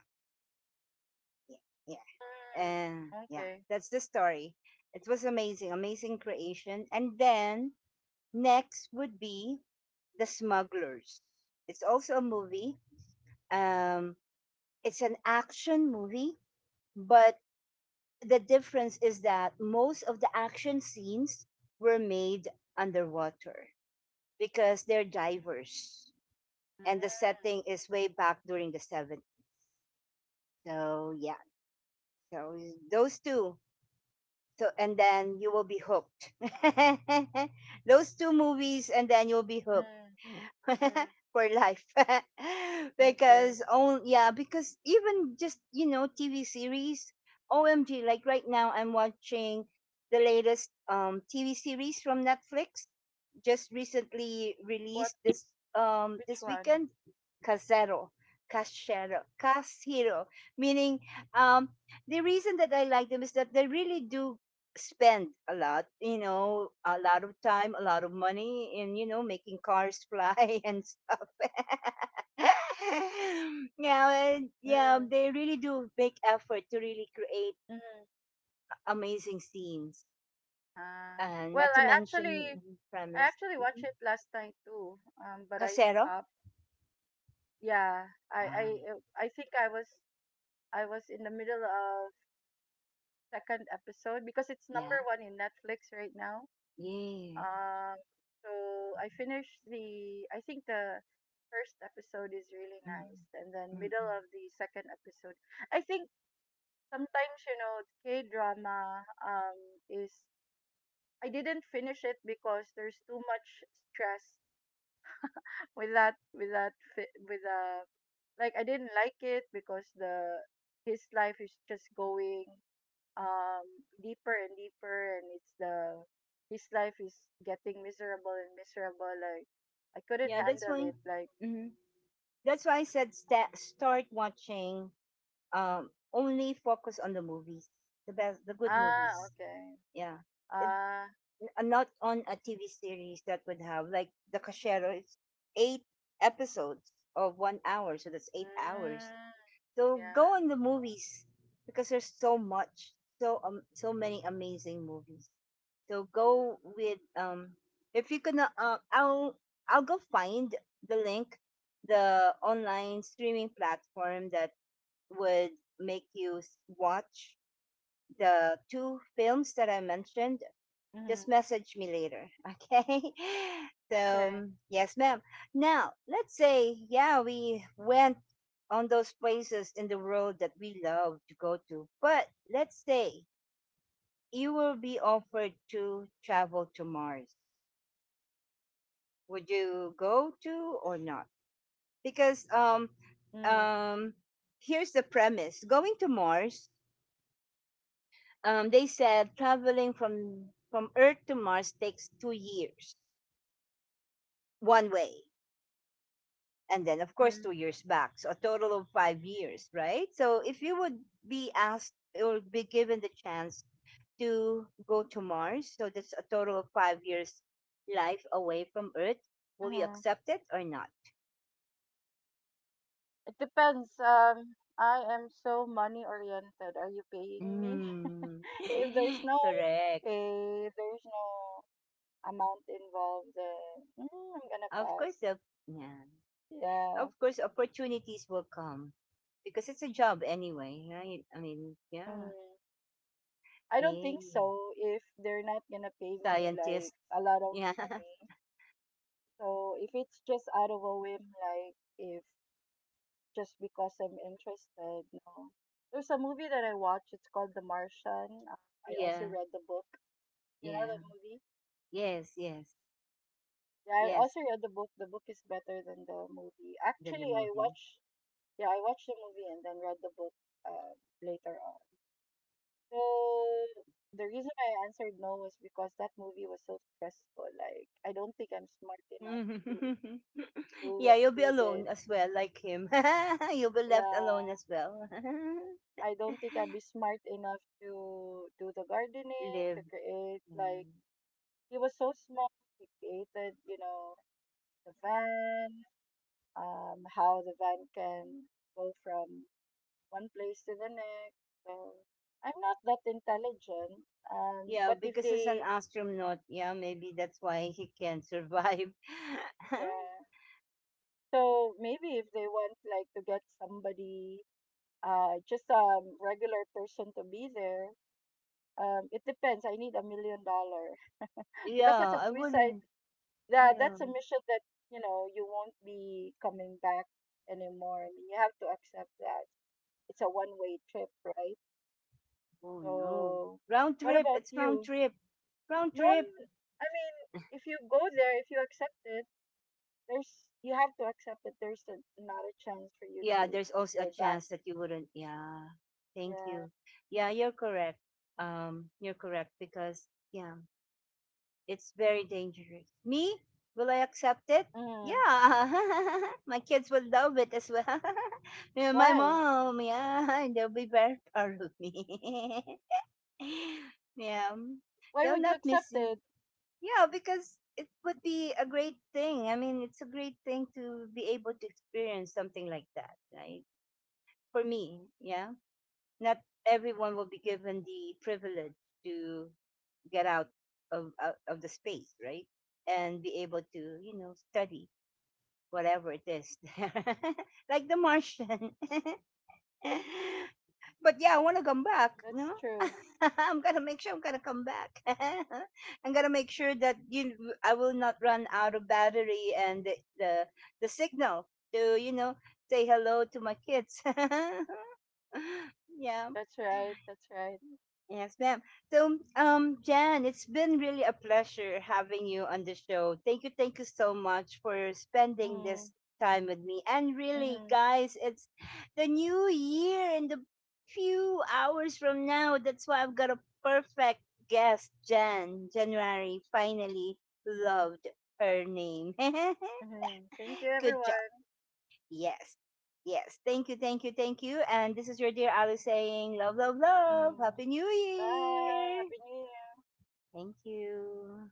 Speaker 1: yeah, yeah.
Speaker 2: Mm,
Speaker 1: And yeah,
Speaker 2: okay.
Speaker 1: that's the story. It was amazing, amazing creation. And then next would be The Smugglers. It's also a movie. Um, It's an action movie, but the difference is that most of the action scenes were made underwater because they're divers, and the
Speaker 2: Mm,
Speaker 1: setting is way back during the 70s. So, yeah, so those two. So and then you will be hooked. Those two movies and then you'll be hooked
Speaker 2: mm, mm,
Speaker 1: for life.
Speaker 2: okay.
Speaker 1: Because oh yeah, because even just, you know, TV series, OMG, like right now I'm watching the latest TV series from Netflix, just recently
Speaker 2: What?
Speaker 1: released this
Speaker 2: Which
Speaker 1: this
Speaker 2: one?
Speaker 1: weekend, Casero. Cashero, Cashero, meaning um, the reason that I like them is that they really do spend a lot, you know, a lot of time, a lot of money in, you know, making cars fly and stuff. Yeah, and yeah,
Speaker 2: Mm,
Speaker 1: they really do make effort to really create
Speaker 2: mm.
Speaker 1: amazing scenes.
Speaker 2: Uh,
Speaker 1: And
Speaker 2: well,
Speaker 1: not to mention
Speaker 2: I
Speaker 1: premise.
Speaker 2: actually watched
Speaker 1: Mhm.
Speaker 2: it last night too. But I
Speaker 1: Casero?
Speaker 2: stopped. Yeah, I,
Speaker 1: Ah,
Speaker 2: I, uh, I think I was, I was in the middle of second episode because it's
Speaker 1: yeah.
Speaker 2: number one in Netflix right now.
Speaker 1: Yeah.
Speaker 2: Um, so I finished the, I think the first episode is really nice,
Speaker 1: Mhm.
Speaker 2: and then
Speaker 1: Mhm.
Speaker 2: middle of the second episode. I think sometimes you know K drama is, I didn't finish it because there's too much stress with that with like I didn't like it because the his life is just going um deeper and deeper, and it's the his life is getting miserable and miserable, like I couldn't
Speaker 1: Yeah, that's
Speaker 2: handle
Speaker 1: why.
Speaker 2: it, like,
Speaker 1: Mhm. That's why I said start watching. Only focus on the movies, the best, the good
Speaker 2: ah,
Speaker 1: movies.
Speaker 2: okay.
Speaker 1: Yeah. It,
Speaker 2: Ah,
Speaker 1: not on a TV series that would have like the Cachero. It's eight episodes of 1 hour, so that's 8 hours.
Speaker 2: mm,
Speaker 1: So go on
Speaker 2: yeah.
Speaker 1: the movies because there's so much, so many amazing movies. So go with if you're gonna I'll go find the link, the online streaming platform that would make you watch the two films that I mentioned. Just
Speaker 2: Mm-hmm.
Speaker 1: message me later, okay? So,
Speaker 2: Okay.
Speaker 1: mm, yes, ma'am. Now, let's say, yeah, we went on those places in the world that we love to go to, but let's say you will be offered to travel to Mars. Would you go to or not? Because
Speaker 2: Mm,
Speaker 1: um, here's the premise: going to Mars. They said traveling from Earth to Mars takes 2 years one way, and then of course two
Speaker 2: mm-hmm.
Speaker 1: years back, so a total of 5 years, right? So if you would be asked or be given the chance to go to Mars, so that's a total of 5 years life away from Earth, will you
Speaker 2: Mm-hmm.
Speaker 1: accept it or not?
Speaker 2: It depends. I am so money oriented. Are you paying me?
Speaker 1: Mm.
Speaker 2: If there's no
Speaker 1: Correct.
Speaker 2: pay, if there's no amount involved, then, mm, I'm gonna
Speaker 1: Of course
Speaker 2: pass.
Speaker 1: the, yeah, of
Speaker 2: Yeah.
Speaker 1: course opportunities will come because it's a job anyway, right? I mean,
Speaker 2: Mm,
Speaker 1: yeah.
Speaker 2: I don't think
Speaker 1: Yeah,
Speaker 2: so if they're not gonna pay me like
Speaker 1: scientists,
Speaker 2: a lot of
Speaker 1: yeah.
Speaker 2: money. So if it's just out of a whim, like if just because I'm interested, no. There's a movie that I watched. It's called The Martian. I also
Speaker 1: Yeah.
Speaker 2: read the book. You know
Speaker 1: Yeah,
Speaker 2: that movie?
Speaker 1: yes, yes.
Speaker 2: Yeah, I also
Speaker 1: Yes,
Speaker 2: read the book. The book is better than the movie.
Speaker 1: than
Speaker 2: Actually,
Speaker 1: the
Speaker 2: I
Speaker 1: movie.
Speaker 2: watched. Yeah, I watched the movie and then read the book, uh, later on. So the reason I answered no was because that movie was so stressful. Like I don't think I'm smart enough to do
Speaker 1: Yeah,
Speaker 2: what
Speaker 1: you'll be
Speaker 2: he
Speaker 1: alone
Speaker 2: did.
Speaker 1: as well, like him. You'll be left alone
Speaker 2: Yeah,
Speaker 1: as well.
Speaker 2: I don't think I'd be smart enough to do the gardening,
Speaker 1: Live.
Speaker 2: to create.
Speaker 1: Yeah.
Speaker 2: Like he was so smart. He created, you know, the van, how the van can go from one place to the next. So I'm not that intelligent.
Speaker 1: Yeah,
Speaker 2: But if
Speaker 1: because he's an
Speaker 2: they,
Speaker 1: astronaut. Yeah, maybe that's why he can survive.
Speaker 2: yeah. So maybe if they want like to get somebody, just a regular person to be there. It depends. I need $1 million because that's
Speaker 1: Yeah,
Speaker 2: a
Speaker 1: I
Speaker 2: suicide.
Speaker 1: wouldn't.
Speaker 2: That
Speaker 1: Yeah.
Speaker 2: that's a mission that you know you won't be coming back anymore. I mean, you have to accept that it's a one way trip, right?
Speaker 1: Oh no.
Speaker 2: So,
Speaker 1: Round
Speaker 2: what
Speaker 1: trip.
Speaker 2: about
Speaker 1: It's round
Speaker 2: you?
Speaker 1: trip. Round
Speaker 2: No,
Speaker 1: trip.
Speaker 2: I mean, if you go there, if you accept it, there's you have to accept it. There's a, not a chance for you
Speaker 1: Yeah,
Speaker 2: to
Speaker 1: there's also a
Speaker 2: go back.
Speaker 1: chance that you wouldn't. Yeah. Thank
Speaker 2: Yeah.
Speaker 1: you. Yeah, you're correct. You're correct because yeah, it's very dangerous. Me? Will I accept it?
Speaker 2: Mm.
Speaker 1: Yeah. My kids will love it as well. Yeah, my
Speaker 2: Why?
Speaker 1: mom, yeah. They'll be very proud of me. Yeah.
Speaker 2: Why
Speaker 1: They'll
Speaker 2: would you
Speaker 1: not miss
Speaker 2: accept
Speaker 1: me.
Speaker 2: it?
Speaker 1: Yeah, because it would be a great thing. I mean, it's a great thing to be able to experience something like that, right? For me, yeah, not everyone will be given the privilege to get out of the space, right? And be able to, you know, study whatever it is, like the Martian. But yeah, I want to come back. You
Speaker 2: That's
Speaker 1: know,
Speaker 2: true.
Speaker 1: I'm gonna make sure I'm gonna come back. I'm gonna make sure that you, I will not run out of battery and the signal to, you know, say hello to my kids. Yeah.
Speaker 2: That's right. That's right.
Speaker 1: Yes, ma'am. So, Jan, it's been really a pleasure having you on the show. Thank you so much for spending
Speaker 2: Mm.
Speaker 1: this time with me. And really,
Speaker 2: Mm-hmm.
Speaker 1: guys, it's the new year and the few hours from now. That's why I've got a perfect guest, Jan. January finally
Speaker 2: Mm-hmm.
Speaker 1: loved her name.
Speaker 2: Mm-hmm. Thank you,
Speaker 1: Good job.
Speaker 2: everyone.
Speaker 1: Yes. Yes. Thank you, thank you, thank you. And this is your dear Ali saying, love, love, love.
Speaker 2: Mm.
Speaker 1: Happy New
Speaker 2: Bye.
Speaker 1: Year.
Speaker 2: Happy New Year.
Speaker 1: Thank you.